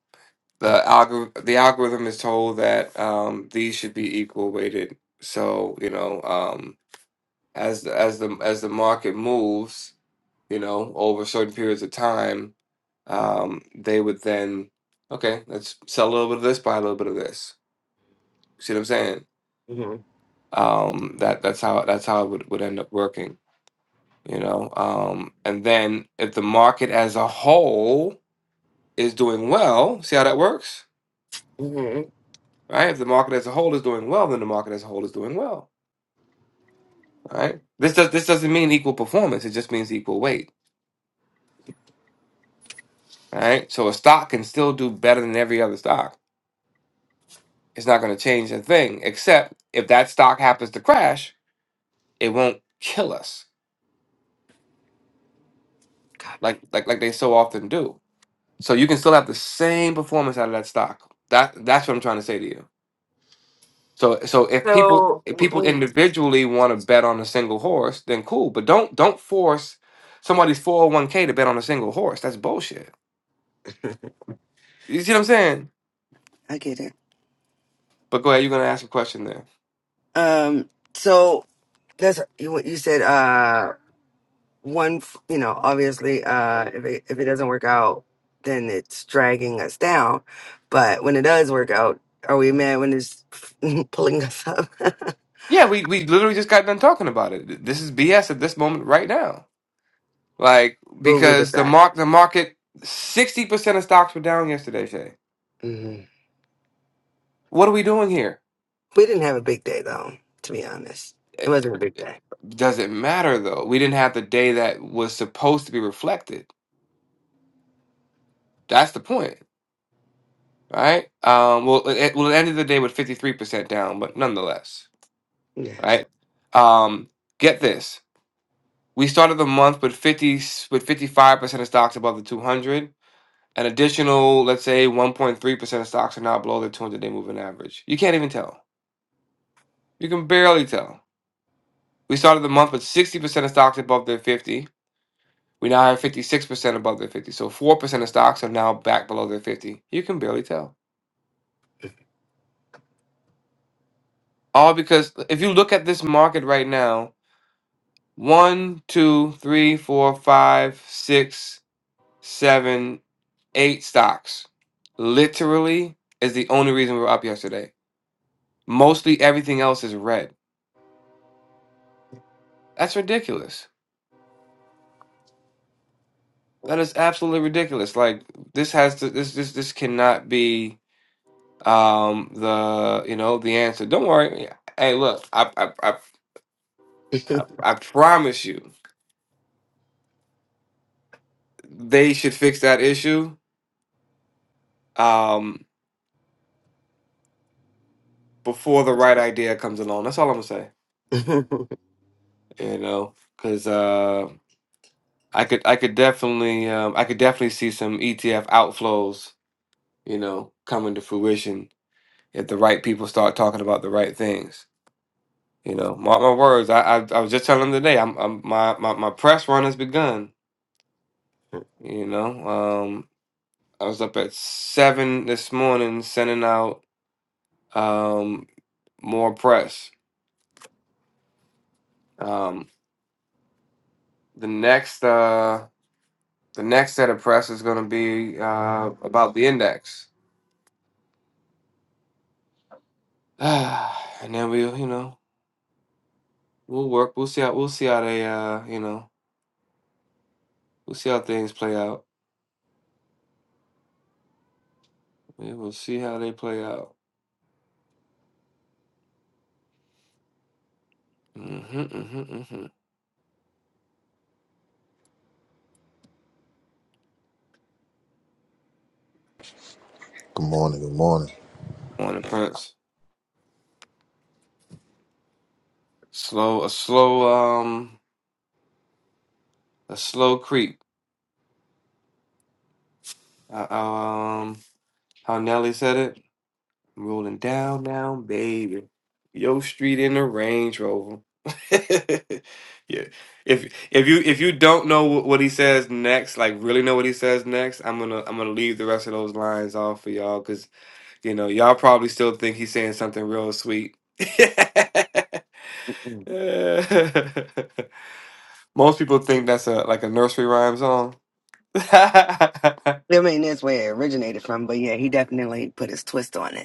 Speaker 1: the algor- the algorithm is told that um, these should be equal weighted. So you know, um, as the, as the as the market moves, you know, over certain periods of time um, they would then, okay, let's sell a little bit of this, buy a little bit of this. See what I'm saying? Um, that that's how that's how it would, would end up working, you know. Um, and then if the market as a whole is doing well, see how that works,
Speaker 4: Mm-hmm.
Speaker 1: right? If the market as a whole is doing well, then the market as a whole is doing well, right? This does this doesn't mean equal performance; it just means equal weight, right? So a stock can still do better than every other stock. It's not going to change a thing, except if that stock happens to crash it won't kill us like like like they so often do. So you can still have the same performance out of that stock. That that's what I'm trying to say to you. So so if people
Speaker 4: So
Speaker 1: if people
Speaker 4: when
Speaker 1: individually want to bet on a single horse, then cool. But don't don't force somebody's 401k to bet on a single horse. That's bullshit. You see what I'm saying?
Speaker 4: I get it,
Speaker 1: But go ahead, you're gonna ask a question there.
Speaker 4: um, so that's you- what you said. Uh, one, f- you know, obviously, uh, if it, if it doesn't work out, then it's dragging us down. But when it does work out, are we mad when it's pulling us up?
Speaker 1: Yeah, we, we literally just got done talking about it. This is BS at this moment right now. Like,
Speaker 4: Google did
Speaker 1: because the
Speaker 4: that.
Speaker 1: mark the market sixty percent of stocks were down yesterday, Shay.
Speaker 4: hmm
Speaker 1: What are we doing here?
Speaker 4: We didn't have a big day though, to be honest. It
Speaker 1: It,
Speaker 4: wasn't a big
Speaker 1: it
Speaker 4: day.
Speaker 1: doesn't matter though. We didn't have the day that was supposed to be reflected. That's the point, right? Um, well, it, it- well, it ended the day with 53% down, but nonetheless,
Speaker 4: Yeah.
Speaker 1: right? Um, get this. We started the month with 50 with 55% of stocks above the 200. An additional, let's say, 1.3% of stocks are now below the 200-day moving average. You can't even tell. You can barely tell. We started the month with 60% of stocks above their 50 We now have 56% above their 50. So 4% of stocks are now back below their 50. You can barely tell. All because if you look at this market right now, one, two, three, four, five, six, seven, eight stocks literally is the only reason we we're up yesterday. Mostly everything else is red. That's ridiculous. That is absolutely ridiculous. Like this has to this this this cannot be um the you know the answer. Don't worry. Yeah. Hey, look, I I, I I, I promise you, they should fix that issue um, before the right idea comes along. That's all I'm gonna say.
Speaker 4: I
Speaker 1: You know, because uh, I could, I could definitely, um, I could definitely see some ETF outflows. You know, coming to fruition if the right people start talking about the right things. You know, mark my words. I, I, I was just telling them today. I'm, I'm my, my, my press run has begun. You know, um, I was up at seven this morning sending out um, more press Um, the next uh, the next set of press is going to be uh, about the index, and then we'll you know we'll work. We'll see how we'll see how they uh, you know we'll see how things play out. We will see how they play out. Mm-hmm, mm-hmm, hmm
Speaker 6: Good morning. Good morning.
Speaker 1: Morning, Prince. Slow a slow um a slow creep. Uh, um, how Nelly said it. I'm rolling down, down, baby. Yo Street in the Range Rover. yeah. If if you if you don't know wh- what he says next, like really know what he says next, I'm gonna I'm gonna leave the rest of those lines off for y'all because you know y'all probably still think he's saying something real sweet. Most people think that's a like a nursery rhyme song. yeah.
Speaker 4: mean, that's where it originated from, but yeah, he definitely put his twist on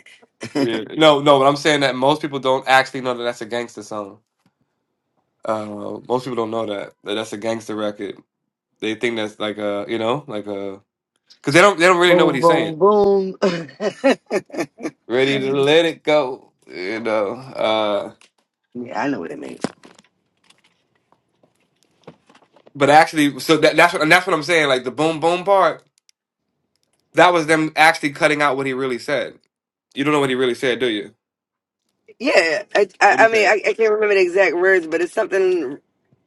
Speaker 4: it.
Speaker 1: No, no, but I'm saying that most people don't actually know that that's a gangster song. Uh, most people don't know that, that that's a gangster record. They think that's like a, you know, like a, because they don't they don't really know what
Speaker 4: Boom,
Speaker 1: he's
Speaker 4: boom,
Speaker 1: saying.
Speaker 4: boom. yeah,
Speaker 1: Ready to let it go, you know. Uh,
Speaker 4: I know what it means.
Speaker 1: but actually, so that, that's what and that's what I'm saying. Like the boom boom part, that was them actually cutting out what he really said. You don't know what he really said, do you?
Speaker 4: Yeah, I, I,
Speaker 1: What he
Speaker 4: I mean,
Speaker 1: said?
Speaker 4: I, I can't remember the exact words, but it's something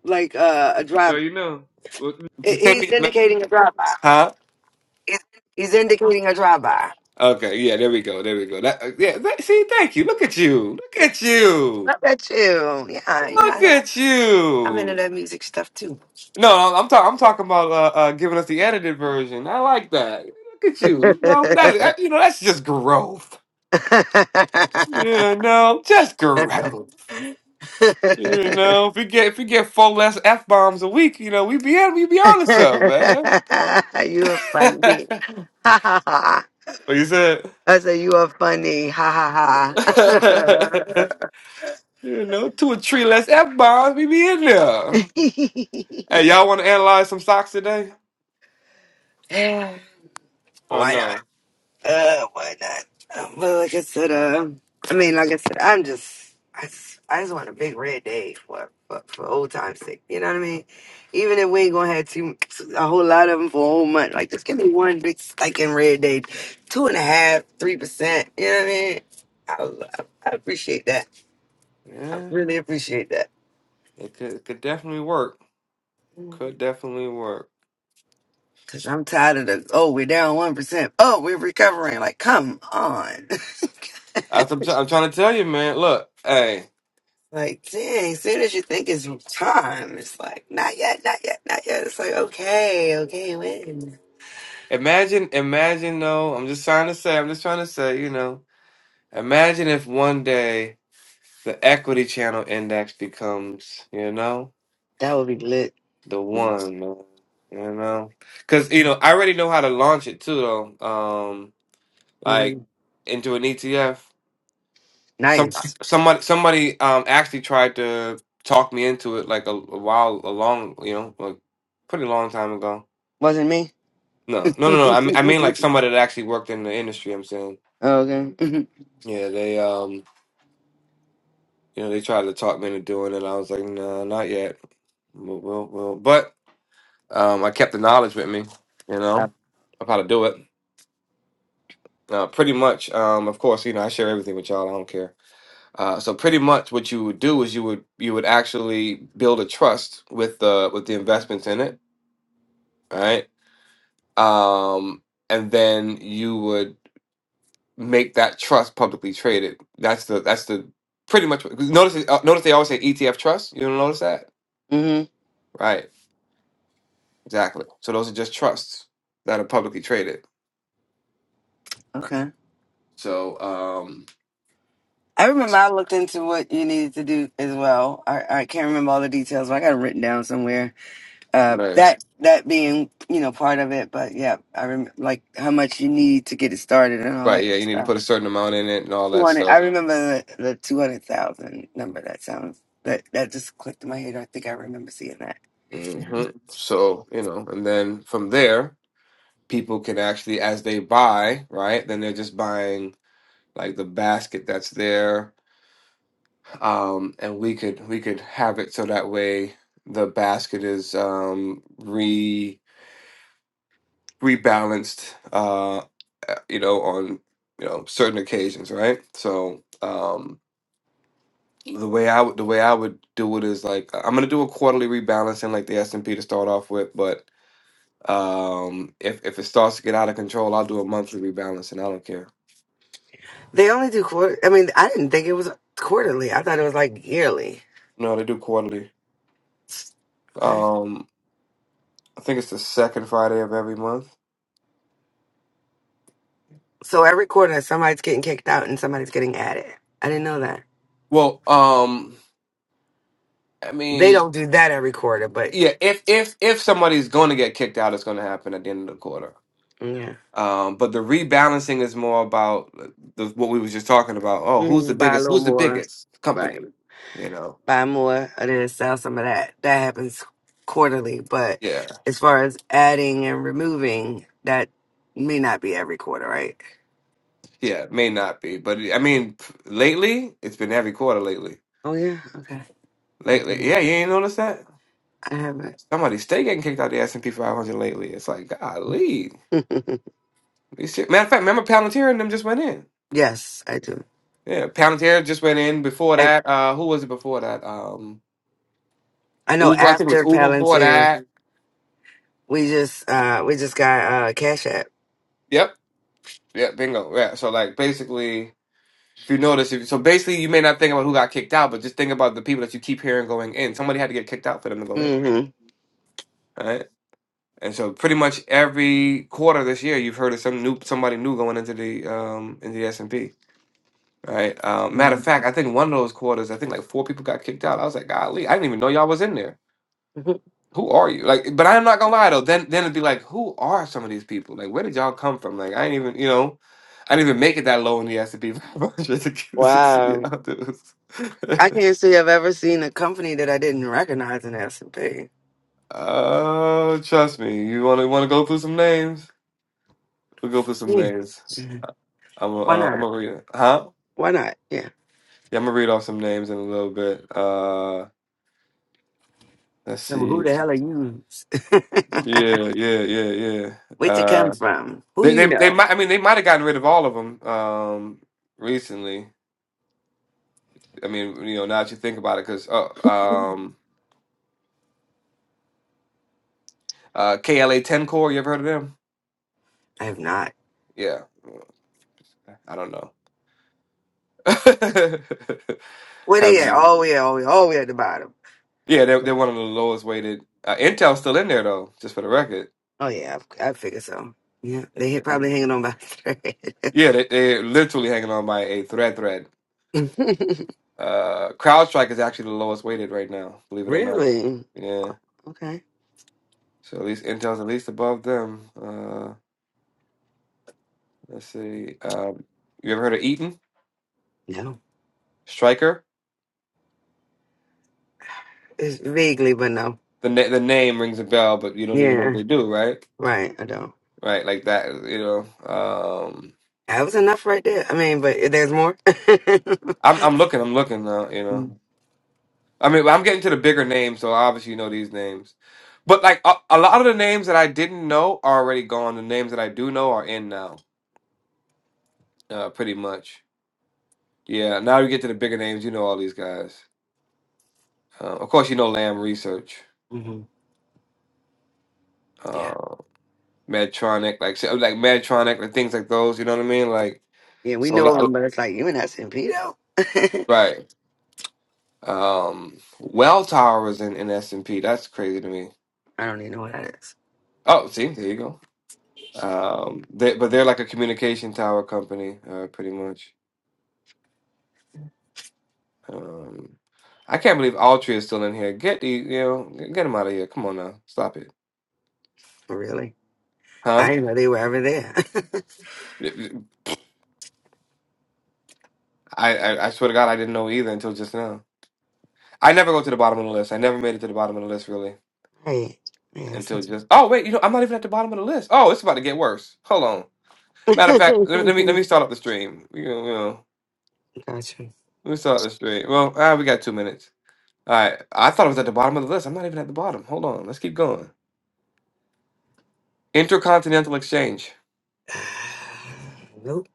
Speaker 4: like uh, a
Speaker 1: You sure
Speaker 4: drive.
Speaker 1: you know? What-
Speaker 4: he-
Speaker 1: Just tell
Speaker 4: He's
Speaker 1: me,
Speaker 4: indicating a drive-by.
Speaker 1: huh?
Speaker 4: He's indicating a drive-by.
Speaker 1: Okay, yeah, there we go, there we go. That, uh, yeah, that, see, thank you. Look at you, look at you,
Speaker 4: I bet you. Yeah, you know, I
Speaker 1: look
Speaker 4: know.
Speaker 1: at
Speaker 4: I'm
Speaker 1: you.
Speaker 4: into that music stuff too.
Speaker 1: No, I'm talking. I'm talking about uh, uh, giving us the edited version. I like that. Look at you. You know that. Is, that- you know that's just growth. You know, just growth. You know, if we get if we get four less f bombs a week, you know, we be yeah, we be on to something, man.
Speaker 4: you are funny.
Speaker 1: what you said?
Speaker 4: I said, you are funny. Ha ha ha.
Speaker 1: you know, two or three less f bombs, we be in there. Hey, y'all want to analyze some stocks today? Or
Speaker 4: why not?
Speaker 1: no?
Speaker 4: Uh, why not? Um, But like I said,
Speaker 1: Uh,
Speaker 4: uh, I mean, like I said, I'm just, I just, I just want a big red day for, for, for old time's sake. You know what I mean? Even if we ain't gonna have too, a whole lot of them for a whole month, like just give me one big spike in red day, two and a half, three percent. You know what I mean? I, I, I appreciate that. I
Speaker 1: yeah,
Speaker 4: really appreciate that.
Speaker 1: it could it could definitely work. Could definitely work.
Speaker 4: Cause I'm tired of the oh we're down one percent oh we're recovering like come on
Speaker 1: That's I'm, try- I'm trying to tell you, man. Look, hey,
Speaker 4: like dang soon as you think it's time it's like not yet not yet not yet it's like okay okay when
Speaker 1: imagine, imagine though. I'm just trying to say. I'm just trying to say. You know, imagine if one day the equity channel index becomes, you know,
Speaker 4: that would be lit
Speaker 1: the one, man. You know, because you know, I already know how to launch it too, though. Um,
Speaker 4: hmm
Speaker 1: like into an ETF. Some
Speaker 4: nice
Speaker 1: somebody somebody um actually tried to talk me into it like a, a while, a long, you know, like pretty long time ago.
Speaker 4: wasn't me
Speaker 1: No, no, no, no. I mean, I mean, like somebody that actually worked in the industry. I'm saying,
Speaker 4: okay hmm
Speaker 1: yeah, they, um, you know, they tried to talk me into doing it. I was like, no, not yet. Well, well, well. But um, I kept the knowledge with me, you know, of how to do it. Uh, pretty much, um, of course, you know, I share everything with y'all. I don't care. Uh, so pretty much, what you would do is you would you would actually build a trust with the with the investments in it, right? Um, and then you would make that trust publicly traded. That's the that's the pretty much. 'cause Notice uh, notice they always say ETF trust. You don't notice that,
Speaker 4: hmm
Speaker 1: right? Exactly. So those are just trusts that are publicly traded.
Speaker 4: okay
Speaker 1: So um,
Speaker 4: I remember I looked into what you needed to do as well I I can't remember all the details but I got it written down somewhere uh
Speaker 1: nice,
Speaker 4: that that being you know part of it but yeah i remember like how much you need to get it started and all
Speaker 1: right? Yeah,
Speaker 4: that
Speaker 1: you need to
Speaker 4: stuff
Speaker 1: put a certain amount in it and all that
Speaker 4: 200 i
Speaker 1: stuff.
Speaker 4: remember the, the 200000 number that sounds that that just clicked in my head i think i remember seeing that
Speaker 1: hmm So you know, and then from there, people can actually as they buy, right? Then they're just buying like the basket that's there um, and we could we could have it so that way the basket is um, re rebalanced, uh, uh, you know, on you know certain occasions, right? So um, the way I would the way I would do it is like uh, I'm gonna do a quarterly rebalancing, like the S and P to start off with, but um, if if it starts to get out of control, I'll do a monthly rebalancing. I don't care.
Speaker 4: they only do quarter i mean i didn't think it was quarterly i thought it was like yearly
Speaker 1: No, they do quarterly.
Speaker 4: okay
Speaker 1: Um, I think it's the second Friday of every month.
Speaker 4: so every quarter somebody's getting kicked out and somebody's getting added i didn't know that
Speaker 1: Well, um, I
Speaker 4: they
Speaker 1: mean.
Speaker 4: don't do that every quarter but
Speaker 1: Yeah, if if if somebody's going to get kicked out, it's going to happen at the end of the quarter.
Speaker 4: yeah
Speaker 1: Um, but the rebalancing is more about the, what we was just talking about. Oh, who's the
Speaker 4: mm, buy a
Speaker 1: biggest?
Speaker 4: little
Speaker 1: Who's the
Speaker 4: more
Speaker 1: biggest
Speaker 4: right
Speaker 1: company? You know?
Speaker 4: buy more of this, sell some of that. That happens quarterly. But
Speaker 1: Yeah,
Speaker 4: as far as adding and removing, that may not be every quarter, right?
Speaker 1: yeah. May not be, but I mean, lately it's been every quarter lately.
Speaker 4: Oh yeah, okay.
Speaker 1: Lately, yeah, you ain't noticed that
Speaker 4: I haven't.
Speaker 1: somebody stay getting kicked out the S and P 500 lately. It's like, golly, These shit- matter of fact, remember Palantir and them just went in.
Speaker 4: yes, I do.
Speaker 1: Yeah, Palantir just went in. Before
Speaker 4: I
Speaker 1: that, uh, who was it before that? Um.
Speaker 4: I know
Speaker 1: Uber, I think it was
Speaker 4: after
Speaker 1: Uber before
Speaker 4: Palantir,
Speaker 1: that.
Speaker 4: we just uh we just got uh Cash App.
Speaker 1: Yep. Yep. Bingo. Yeah. So like basically, if you notice, if, so basically you may not think about who got kicked out, but just think about the people that you keep hearing going in. Somebody had to get kicked out for them to go in.
Speaker 4: Mm-hmm.
Speaker 1: All right. And so pretty much every quarter this year, you've heard of some new somebody new going into the um into the S and P. Right. Um, matter of fact, I think one of those quarters, I think like four people got kicked out. I was like, golly, I didn't even know y'all was in there. who are you? Like, but I'm not gonna lie though. Then then it'd be like, who are some of these people? Like, where did y'all come from? Like, I ain't even, you know, I didn't even make it that low in the S and P 500 to get this shit
Speaker 4: wow.
Speaker 1: out this.
Speaker 4: I can't say I've ever seen a company that I didn't recognize in S and P.
Speaker 1: Oh, trust me. You wanna wanna go through some names? We'll go through some
Speaker 4: Yeah.
Speaker 1: names.
Speaker 4: Mhm.
Speaker 1: I'm a,
Speaker 4: Why
Speaker 1: uh, I'm
Speaker 4: not?
Speaker 1: gonna read it. Huh?
Speaker 4: Why not? Yeah.
Speaker 1: Yeah, I'm gonna read off some names in a little bit. Uh, let's
Speaker 4: So who
Speaker 1: see.
Speaker 4: the hell are you?
Speaker 1: Yeah, yeah, yeah, yeah.
Speaker 4: Where'd you come
Speaker 1: Uh,
Speaker 4: from? Who
Speaker 1: they they
Speaker 4: you
Speaker 1: they
Speaker 4: know?
Speaker 1: might. I mean, they might have gotten rid of all of them. Um, recently. I mean, you know, now that you think about it, because oh, um, uh, KLA Ten Core, you ever heard of them?
Speaker 4: I have not.
Speaker 1: Yeah, I don't know.
Speaker 4: Where
Speaker 1: Have
Speaker 4: they at?
Speaker 1: you?
Speaker 4: All the way, all the way, all the way at the bottom.
Speaker 1: Yeah, they're they're one of the lowest weighted. Uh, Intel's still in there though, just for the record.
Speaker 4: Oh yeah, I, I figure so. Yeah, they had probably hanging on by a thread.
Speaker 1: Yeah, they they're literally hanging on by a thread. Thread. Uh, CrowdStrike is actually the lowest weighted right now, believe it or not.
Speaker 4: really?
Speaker 1: Yeah,
Speaker 4: Okay.
Speaker 1: so at least Intel's at least above them. Uh, let's see. Um, you ever heard of Eaton
Speaker 4: No,
Speaker 1: Striker?
Speaker 4: it's vaguely, but no.
Speaker 1: the na- the name rings a bell, but you don't even know what
Speaker 4: Yeah,
Speaker 1: they do, right?
Speaker 4: right. I don't.
Speaker 1: Right, like that, you know. Um,
Speaker 4: That was enough right there. I mean, but there's more. mm-hmm.
Speaker 1: I'm I'm looking, I'm looking now, you know. I mean, I'm getting to the bigger names, so I obviously know these names. But like a, a lot of the names that I didn't know are already gone. The names that I do know are in now, uh, pretty much. Yeah, now you get to the bigger names, you know all these guys. Uh, of course, you know Lamb Research,
Speaker 4: Yeah.
Speaker 1: uh, Medtronic, like so- like Medtronic, and things like those. You know what I mean? Like
Speaker 4: Yeah, we
Speaker 1: so, a
Speaker 4: know him,
Speaker 1: lot-
Speaker 4: but it's like you and that Pito.
Speaker 1: right. Um, Welltower was in, in S&P. That's crazy to me.
Speaker 4: I don't even know what that is.
Speaker 1: Oh, see, there you go. Um, they, but they're like a communication tower company, uh, pretty much. Um, I can't believe Altria is still in here. Get the, you know, get him out of here. Come on now, stop it,
Speaker 4: Really. I
Speaker 1: huh?
Speaker 4: didn't know they were ever there.
Speaker 1: I, I I swear to God, I didn't know either until just now. I never go to the bottom of the list. I never made it to the bottom of the list really
Speaker 4: right. Yeah. so-
Speaker 1: until just. Oh wait, you know, I'm not even at the bottom of the list. Oh, it's about to get worse. Hold on. Matter of fact, let, me let me let me start up the stream. You know, you know.
Speaker 4: gotcha.
Speaker 1: Let me start this straight. Well, ah, we got two minutes. All right. I thought it was at the bottom of the list. I'm not even at the bottom. Hold on. Let's keep going. Intercontinental Exchange.
Speaker 4: Nope.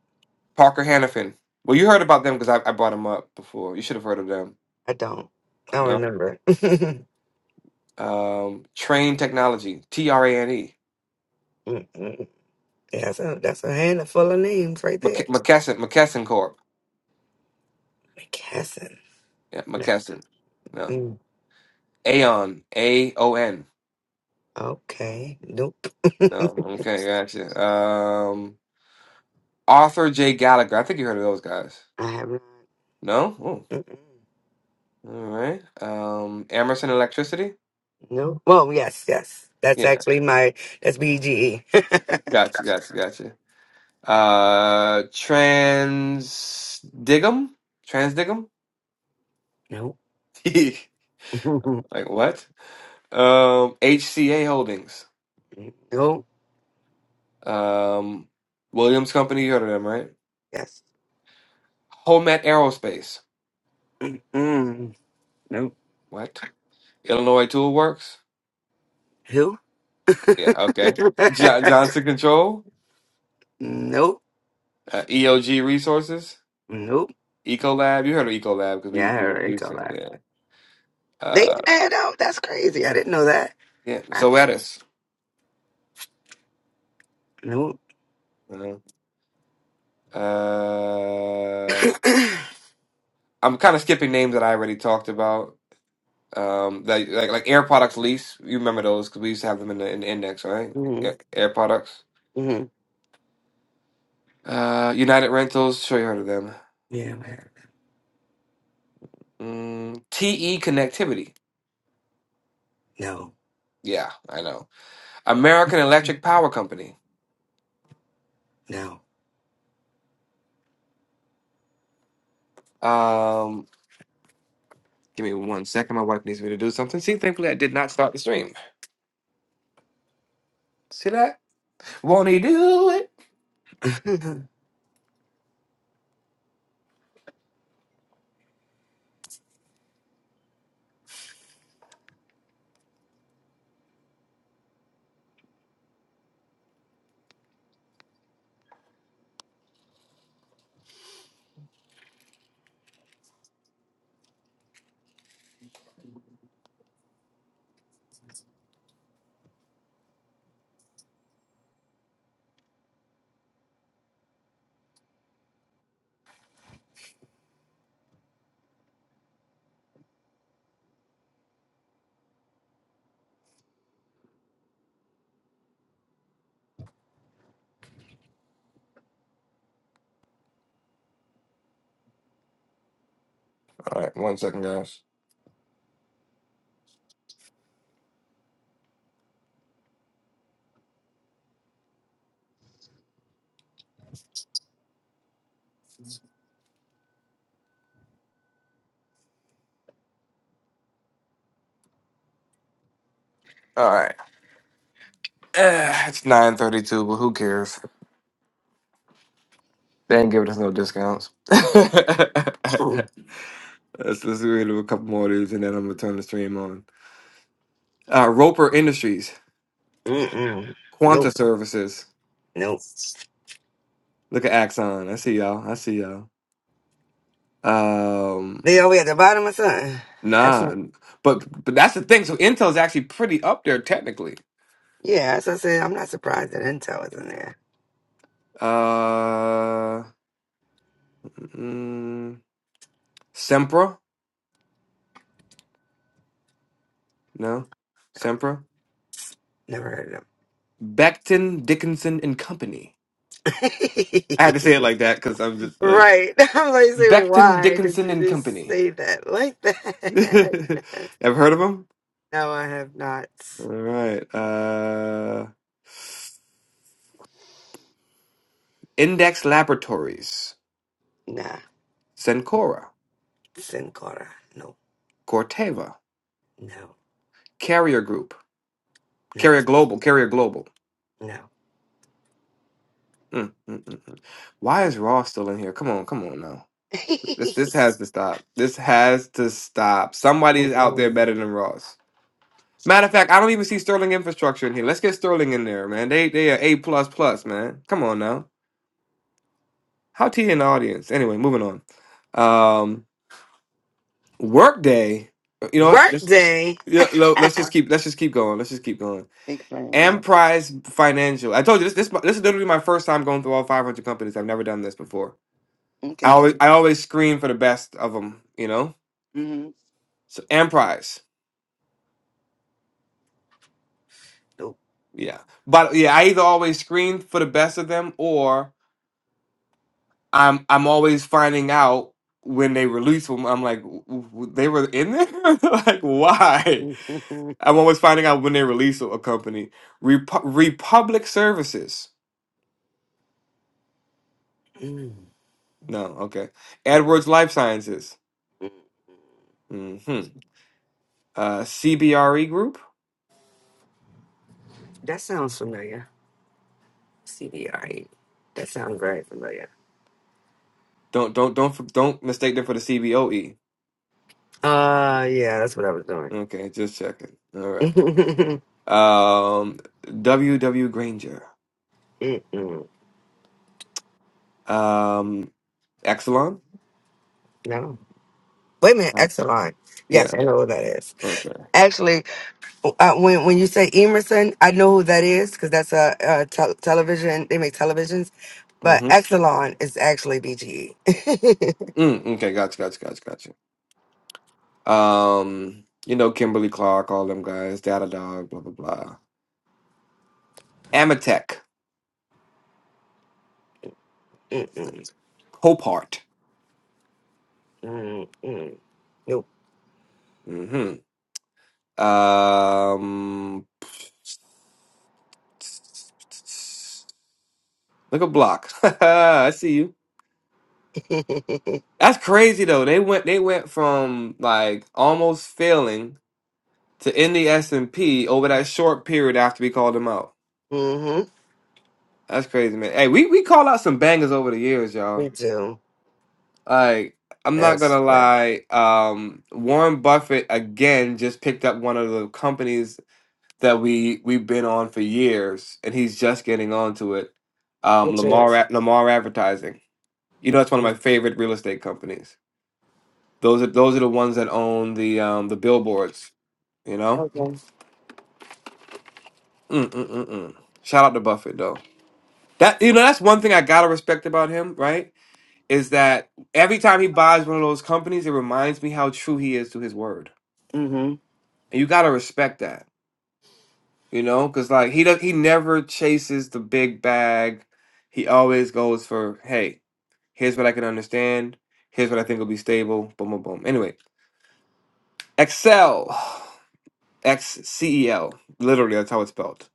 Speaker 1: Parker Hannifin. Well, you heard about them because I, I brought them up before. You should have heard of them.
Speaker 4: I don't. I don't
Speaker 1: No.
Speaker 4: remember. Mm-mm.
Speaker 1: Um, Train Technology. T R A N E.
Speaker 4: yeah, that's a, that's a handful of names right there.
Speaker 1: McK- McKesson. McKesson Corp.
Speaker 4: McKesson.
Speaker 1: Yeah,
Speaker 4: No.
Speaker 1: McKesson. No.
Speaker 4: Mm.
Speaker 1: Aon. A O N.
Speaker 4: Okay. Nope. I
Speaker 1: No. Okay, gotcha. Um, Arthur J. Gallagher. I think you heard of those guys.
Speaker 4: have not.
Speaker 1: No. Oh.
Speaker 4: Mm-mm.
Speaker 1: All right. Um, Emerson Electricity.
Speaker 4: Nope. Well, yes, yes. That's
Speaker 1: Yeah,
Speaker 4: actually my, that's BGE.
Speaker 1: gotcha, gotcha, gotcha. Uh, trans digum, trans digum.
Speaker 4: nope.
Speaker 1: Like what? Um, HCA Holdings.
Speaker 4: nope.
Speaker 1: Um, Williams Company. You heard of them, right?
Speaker 4: Yes.
Speaker 1: Homet Aerospace.
Speaker 4: Mm-mm. Nope.
Speaker 1: What? Illinois Tool Works.
Speaker 4: Who?
Speaker 1: Yeah. Okay. Jo- Johnson Control.
Speaker 4: Nope.
Speaker 1: Uh, EOG Resources.
Speaker 4: Nope.
Speaker 1: Ecolab. You heard of Ecolab because
Speaker 4: Yeah,
Speaker 1: we
Speaker 4: I
Speaker 1: we were
Speaker 4: already got
Speaker 1: using it.
Speaker 4: that.
Speaker 1: Yeah.
Speaker 4: They
Speaker 1: Uh,
Speaker 4: add out. That's crazy. I didn't know that.
Speaker 1: yeah.
Speaker 4: I,
Speaker 1: Zoetis.
Speaker 4: nope.
Speaker 1: Uh-huh. Uh, I'm kind of skipping names that I already talked about. Um, that like like Air Products lease. You remember those because we used to have them in the in the index, right?
Speaker 4: mm-hmm.
Speaker 1: Air, Air Products.
Speaker 4: hmm
Speaker 1: Uh, United Rentals. Sure, you heard of them.
Speaker 4: Yeah, man.
Speaker 1: Mm, TE Connectivity.
Speaker 4: No.
Speaker 1: Yeah, I know. American Electric Power Company.
Speaker 4: No.
Speaker 1: Um, give me one second. My wife needs me to do something. See, thankfully I did not start the stream. See that? Won't he do it? All right, one second, guys. All right. Uh, it's nine thirty-two, but who cares? They ain't giving us no discounts. let's let's wait a couple more of these and then I'm gonna turn the stream on. Uh, Roper Industries,
Speaker 4: Mm-mm.
Speaker 1: Quanta
Speaker 4: Nope.
Speaker 1: Services.
Speaker 4: Nope.
Speaker 1: Look at Axon. I see y'all. I see y'all. Um,
Speaker 4: They all the way at the bottom or something. That's
Speaker 1: nah,
Speaker 4: what,
Speaker 1: but but that's the thing. So Intel's actually pretty up there technically.
Speaker 4: yeah, as I said, I'm not surprised that Intel is in there.
Speaker 1: Uh, mm, Sempra, no, Sempra,
Speaker 4: Never heard of
Speaker 1: Becton Dickinson and Company. I had to say it
Speaker 4: them.
Speaker 1: like that because I'm just like
Speaker 4: right. I'm like, say,
Speaker 1: Becton
Speaker 4: why did
Speaker 1: Dickinson
Speaker 4: you
Speaker 1: and
Speaker 4: just
Speaker 1: Company.
Speaker 4: say that like
Speaker 1: Ever
Speaker 4: that?
Speaker 1: heard of them?
Speaker 4: no, I have not.
Speaker 1: All right. Uh, Index Laboratories,
Speaker 4: Nah.
Speaker 1: Cencora,
Speaker 4: Sin Cara. No,
Speaker 1: Corteva,
Speaker 4: no,
Speaker 1: Carrier Group,
Speaker 4: no,
Speaker 1: Carrier Global, Carrier Global.
Speaker 4: no.
Speaker 1: Mm, mm, mm, mm. Why is Raw still in here? Come on, come on now. This this has to stop. This has to stop. Somebody's out there
Speaker 4: Mm-mm.
Speaker 1: better than Ross. Matter of fact, I don't even see Sterling Infrastructure in here. Let's get Sterling in there, man. They they are A plus plus, man. Come on now. How T in the audience? Anyway, moving on. Um, Workday. You know what?
Speaker 4: Work
Speaker 1: Let's yeah. lo- Let's just keep. Let's just keep going. Let's just keep going.
Speaker 4: Big fan game.
Speaker 1: Prize Financial. I told you this. This this is literally my first time going through all 500 companies. I've never done this before. I
Speaker 4: Okay.
Speaker 1: always I always screen for the best of them. You know.
Speaker 4: Mm-hmm.
Speaker 1: So Prize.
Speaker 4: Nope.
Speaker 1: Yeah. But yeah, I either always screen for the best of them, or I'm I'm always finding out when they release them. I'm like, "W- w- they were in there. like why?
Speaker 4: Mm-mm-mm.
Speaker 1: I'm always finding out when they release a a company. Repu- Republic Services.
Speaker 4: Mm-mm-mm.
Speaker 1: No, okay. AdWords Life Sciences. hmm Uh, CBRE Group.
Speaker 4: that sounds familiar. CDI. That sounds very familiar.
Speaker 1: Don't don't don't f- don't mistake them for the CBOE.
Speaker 4: Uh, yeah, that's what I was doing.
Speaker 1: Okay, just checking. All right. Um, W W Granger.
Speaker 4: Mm-mm.
Speaker 1: Um, Exelon.
Speaker 4: No. Wait a minute,
Speaker 1: Uh,
Speaker 4: Exelon.
Speaker 1: yeah.
Speaker 4: Yes, I know what that is.
Speaker 1: Okay.
Speaker 4: Actually. uh, when when you say Emerson, I know who that is because that's a, a tel television. They make televisions, but
Speaker 1: hmm
Speaker 4: Exelon is actually BGE.
Speaker 1: Mm, okay. Gotcha. Gotcha. Gotcha. Gotcha. Um, you know Kimberly Clark, all them guys, Datadog, blah blah blah. Amatech,
Speaker 4: Mm-mm,
Speaker 1: Copart.
Speaker 4: mm, mm, mm, mm, nope.
Speaker 1: Mm-hmm. Um, look a block. I see you. That's crazy though. They went they went from like almost failing to in the S and P over that short period after we called them out.
Speaker 4: hmm
Speaker 1: That's crazy, man. Hey, we we call out some bangers over the years,
Speaker 4: We
Speaker 1: y'all.
Speaker 4: do.
Speaker 1: Like I'm not gonna
Speaker 4: That's fact.
Speaker 1: lie. Um, Warren Buffett again just picked up one of the companies that we we've been on for years, and he's just getting onto it. Um,
Speaker 4: Which is
Speaker 1: Lamar Lamar Advertising. You know, it's one of my
Speaker 4: mm,
Speaker 1: favorite real estate companies. Those are those are the ones that own the um, the billboards. You know.
Speaker 4: okay.
Speaker 1: Mm, mm, mm, mm. Shout out to Buffett though. That you know, that's one thing I gotta respect about him, right? Is that every time he buys one of those companies, it reminds me how true he is to his word,
Speaker 4: hmm
Speaker 1: and you gotta respect that You know, because like he does, he never chases the big bag. He always goes for, hey, here's what I can understand. Here's what I think will be stable. Boom, boom, boom. Anyway, Excel, X C E L. Literally, that's how it's spelled.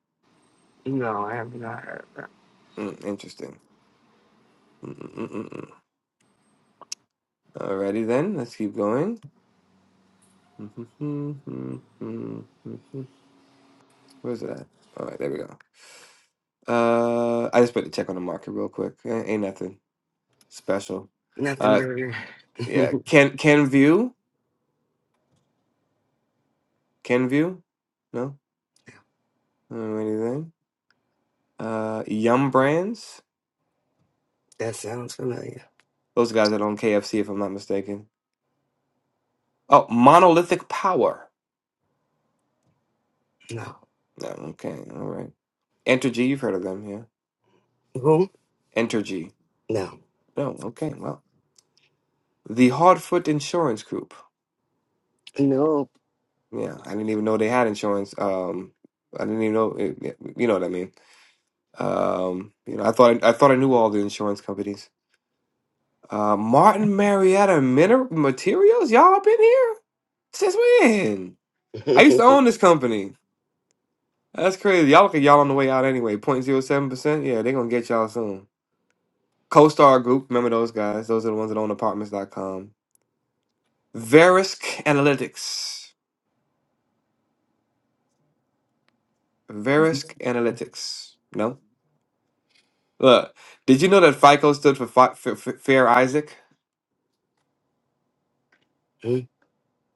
Speaker 4: No, I have not heard
Speaker 1: Mm, interesting. Mm, mm, mm, mm, mm. Alrighty then, let's keep going. Where's it at? All right, there we go. Uh, I just put the check on the market real quick. Eh, Ain't nothing special.
Speaker 4: nothing
Speaker 1: Uh,
Speaker 4: burger.
Speaker 1: yeah, can can view. Kenview? No? I don't know anything. Uh, Yum Brands?
Speaker 4: that sounds familiar.
Speaker 1: Those guys that own KFC, if I'm not mistaken. Oh, Monolithic Power.
Speaker 4: No.
Speaker 1: No, okay, all right. Entergy, you've heard of them, yeah.
Speaker 4: Who?
Speaker 1: Entergy.
Speaker 4: No.
Speaker 1: No, okay, well. The Hardfoot Insurance Group.
Speaker 4: No.
Speaker 1: Yeah, I didn't even know they had insurance. Um, I didn't even know. It, it- you know what I mean? Um, you know, I thought I, I thought I knew all the insurance companies. Uh, Martin Marietta Miner- Materials, y'all up in here since when? I used to own this company. That's crazy. Y'all look at y'all on the way out anyway. Point zero seven percent Yeah, they're going to get y'all soon. CoStar Group. Remember those guys? Those are the ones that own Apartments dot com. Verisk Analytics. Verisk Analytics. No? Look, did you know that FICO stood for Fi- F- F- Fair Isaac?
Speaker 4: Mm,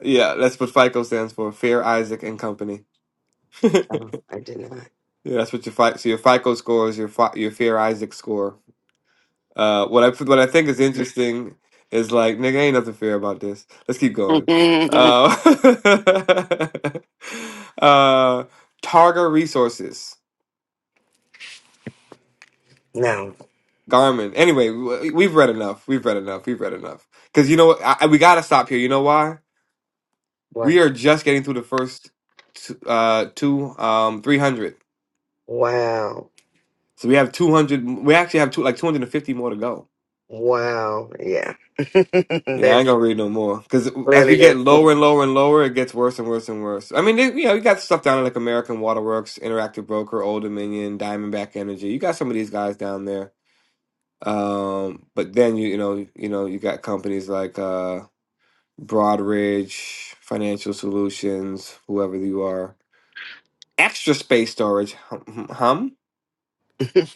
Speaker 1: Yeah, that's what FICO stands for. Fair Isaac and Company. yeah,
Speaker 4: no, I did
Speaker 1: that's what your FICO, so your FICO score is your, Fi- your Fair Isaac score. Uh, what I what I think is interesting is like, nigga, ain't nothing fair about this. Let's keep going.
Speaker 4: not.
Speaker 1: Uh, uh, Targa Resources,
Speaker 4: no.
Speaker 1: Garmin. Anyway, w- we've read enough. We've read enough. We've read enough. Because you know what? I, I- we gotta stop here. You know why?
Speaker 4: What?
Speaker 1: We are just getting through the first two, uh, two um, three hundred.
Speaker 4: Wow.
Speaker 1: So we have two hundred. We actually have two, like two hundred and fifty more to go.
Speaker 4: Wow. Yeah.
Speaker 1: Yeah, I ain't
Speaker 4: that's
Speaker 1: gonna read no more because as
Speaker 4: clearly
Speaker 1: we get lower
Speaker 4: that's
Speaker 1: and lower and lower, it gets worse and worse and worse. I mean, they, you know, you got stuff down at like American Waterworks, Interactive Broker, Old Dominion, Diamondback Energy. You got some of these guys down there, um, but then you you know you know you got companies like uh, Broadridge Financial Solutions, whoever you are, Extra Space Storage, hum, hum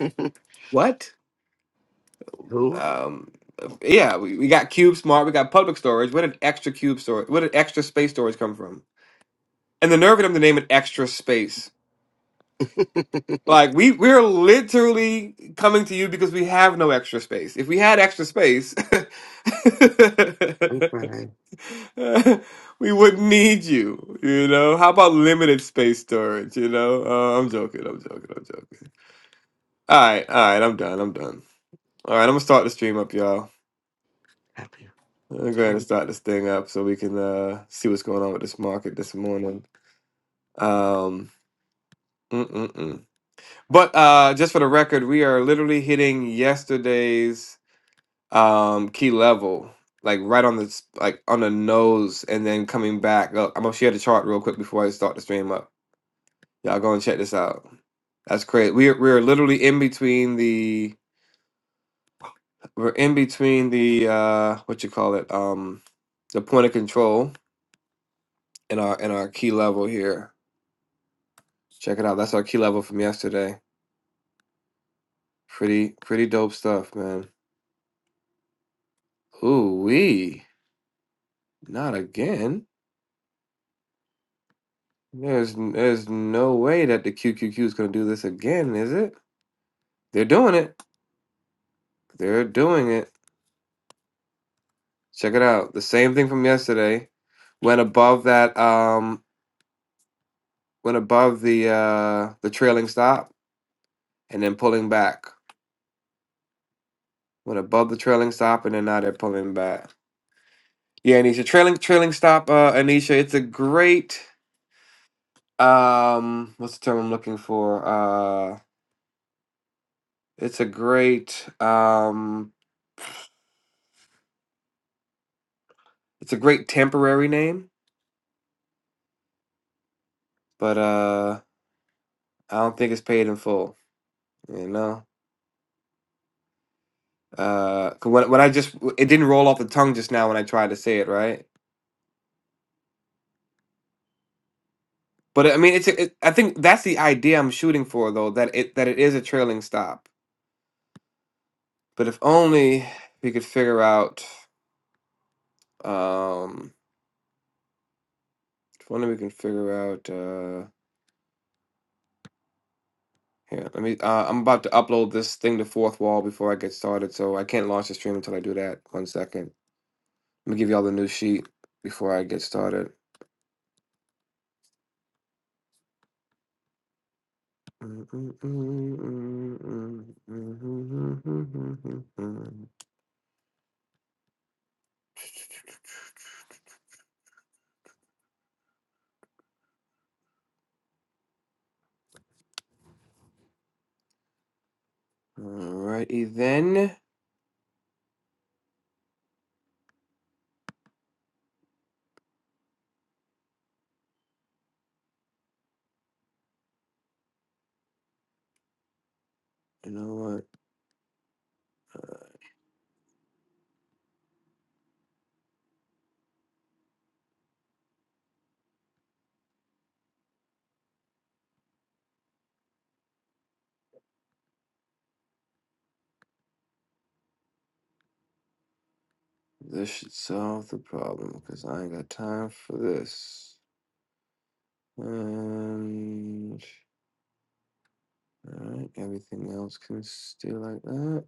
Speaker 1: what?
Speaker 4: who
Speaker 1: Um, yeah, we, we got Cube Smart, we got Public Storage. Where did Extra Cube Storage? Where did Extra Space Storage come from? and the nerve of them to name it extra space. Like we we're literally coming to you because we have no extra space. If we had extra space,
Speaker 4: I'm crying.
Speaker 1: we wouldn't need you. You know. How about limited space storage? You know. Uh, I'm joking. I'm joking. I'm joking. All right. All right. I'm done. I'm done. All right. I'm gonna start the stream up, y'all.
Speaker 4: Happy.
Speaker 1: I'm going to start this thing up so we can uh, see what's going on with this market this morning. Um, mm-mm-mm. But uh, just for the record, we are literally hitting yesterday's um, key level, like right on the s- like on the nose, and then coming back up. I'm gonna share the chart real quick before I start the stream up. Y'all go and check this out. That's crazy. We are, we are literally in between the we're in between the uh, what you call it um, the point of control and our and our key level here. Check it out. That's our key level from yesterday. Pretty pretty dope stuff, man. Ooh wee. Not again. There's there's no way that the QQQ is going to do this again, is it? They're doing it. They're doing it. Check it out. The same thing from yesterday. Went above that um went above the uh the trailing stop and then pulling back. Went above the trailing stop and then now they're pulling back. Yeah, Anisha, trailing trailing stop uh Anisha, it's a great um what's the term I'm looking for? Uh it's a great um it's a great temporary name, but uh I don't think it's paid in full. You know, uh, 'cause when when I just it didn't roll off the tongue just now when I tried to say it right. But I mean, it's a- it, I think that's the idea I'm shooting for though that it that it is a trailing stop. But if only we could figure out. Um, if only we can figure out. Uh, here, let me. Uh, I'm about to upload this thing to Fourth Wall before I get started, so I can't launch the stream until I do that. One second. Let me give you all the new sheet before I get started. Alrighty then. You know what? This should solve the problem because I ain't got time for this. And alright, everything else can stay like that.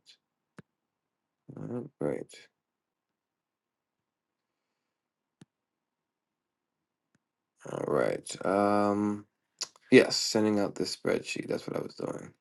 Speaker 1: Alright, great. Alright. Um yes, sending out this spreadsheet. That's what I was doing.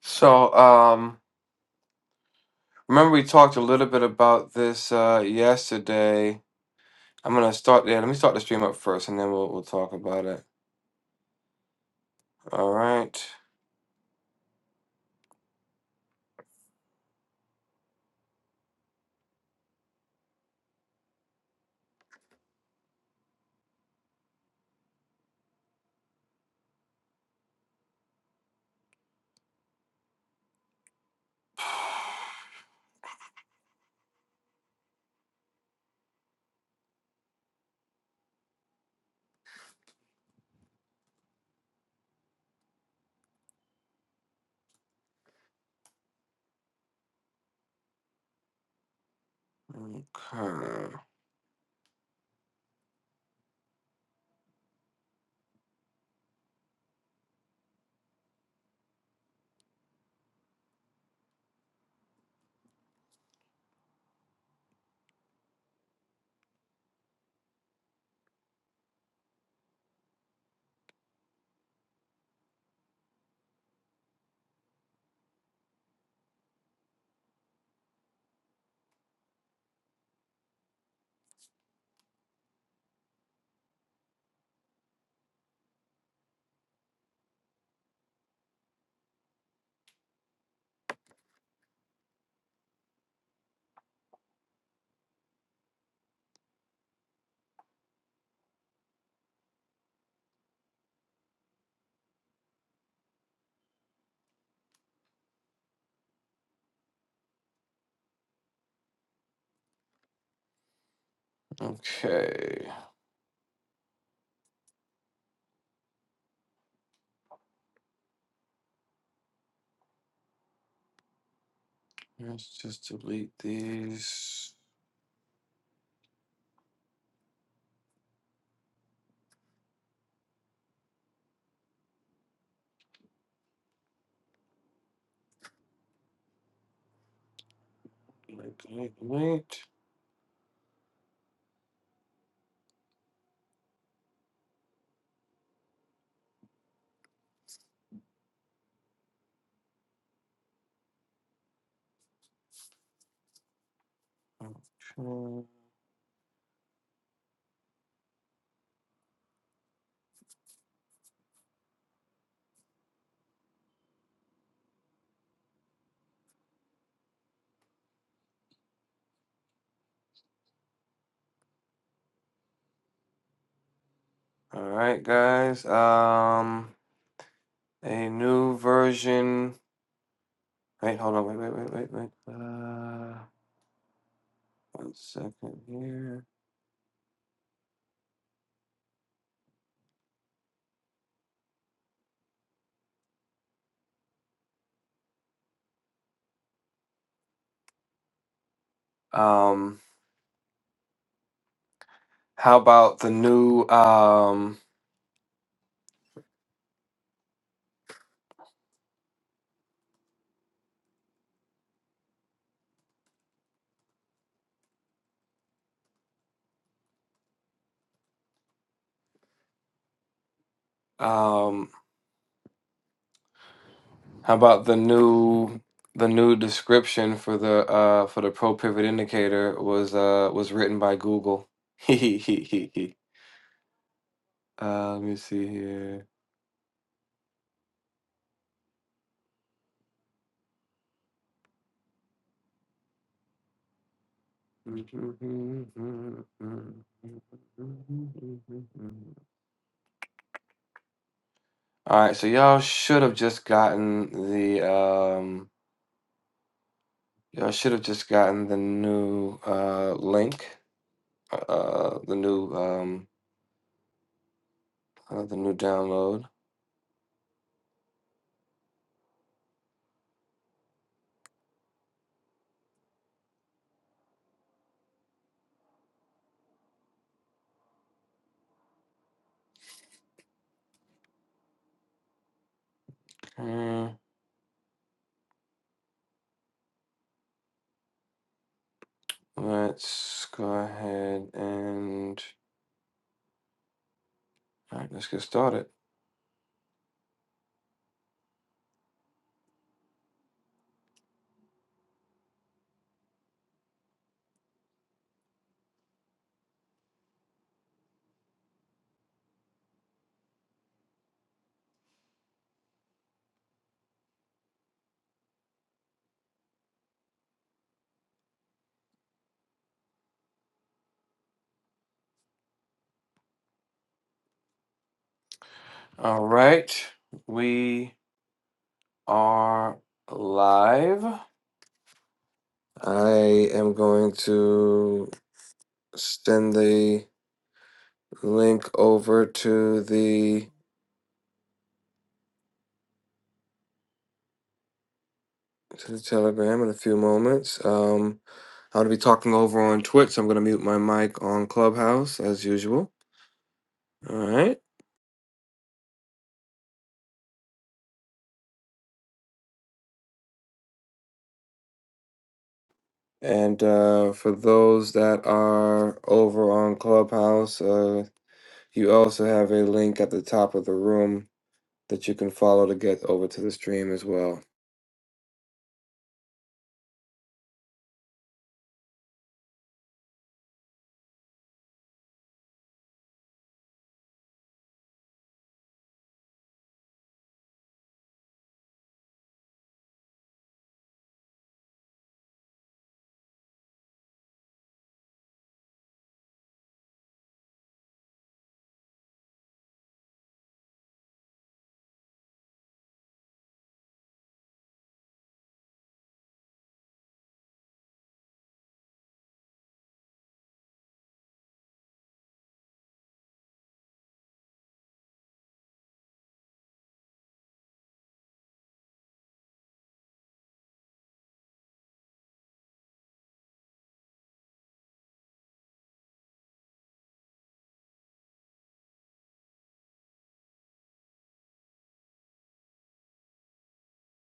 Speaker 1: So um remember we talked a little bit about this uh yesterday I'm gonna start there. Let me start the stream up first, and then we'll we'll talk about it. All right. Okay. Okay. Let's just delete these. Delete. delete, delete. Okay. All right, guys. Um, a new version. Wait, hold on. Wait, wait, wait, wait, wait. Uh, one second here. Um, how about the new um um How about the new the new description for the uh for the pro pivot indicator was uh was written by Google. Hee Uh, let me see here. All right, so y'all should have just gotten the um y'all should have just gotten the new uh link, uh the new um uh, the new download. Mm. Let's go ahead and all right, let's get started. All right, we are live. I am going to send the link over to the to the Telegram in a few moments. Um, I'm going to be talking over on Twitch. so I'm going to mute my mic on Clubhouse as usual. All right. And uh, for those that are over on Clubhouse, uh. You also have a link at the top of the room that you can follow to get over to the stream as well.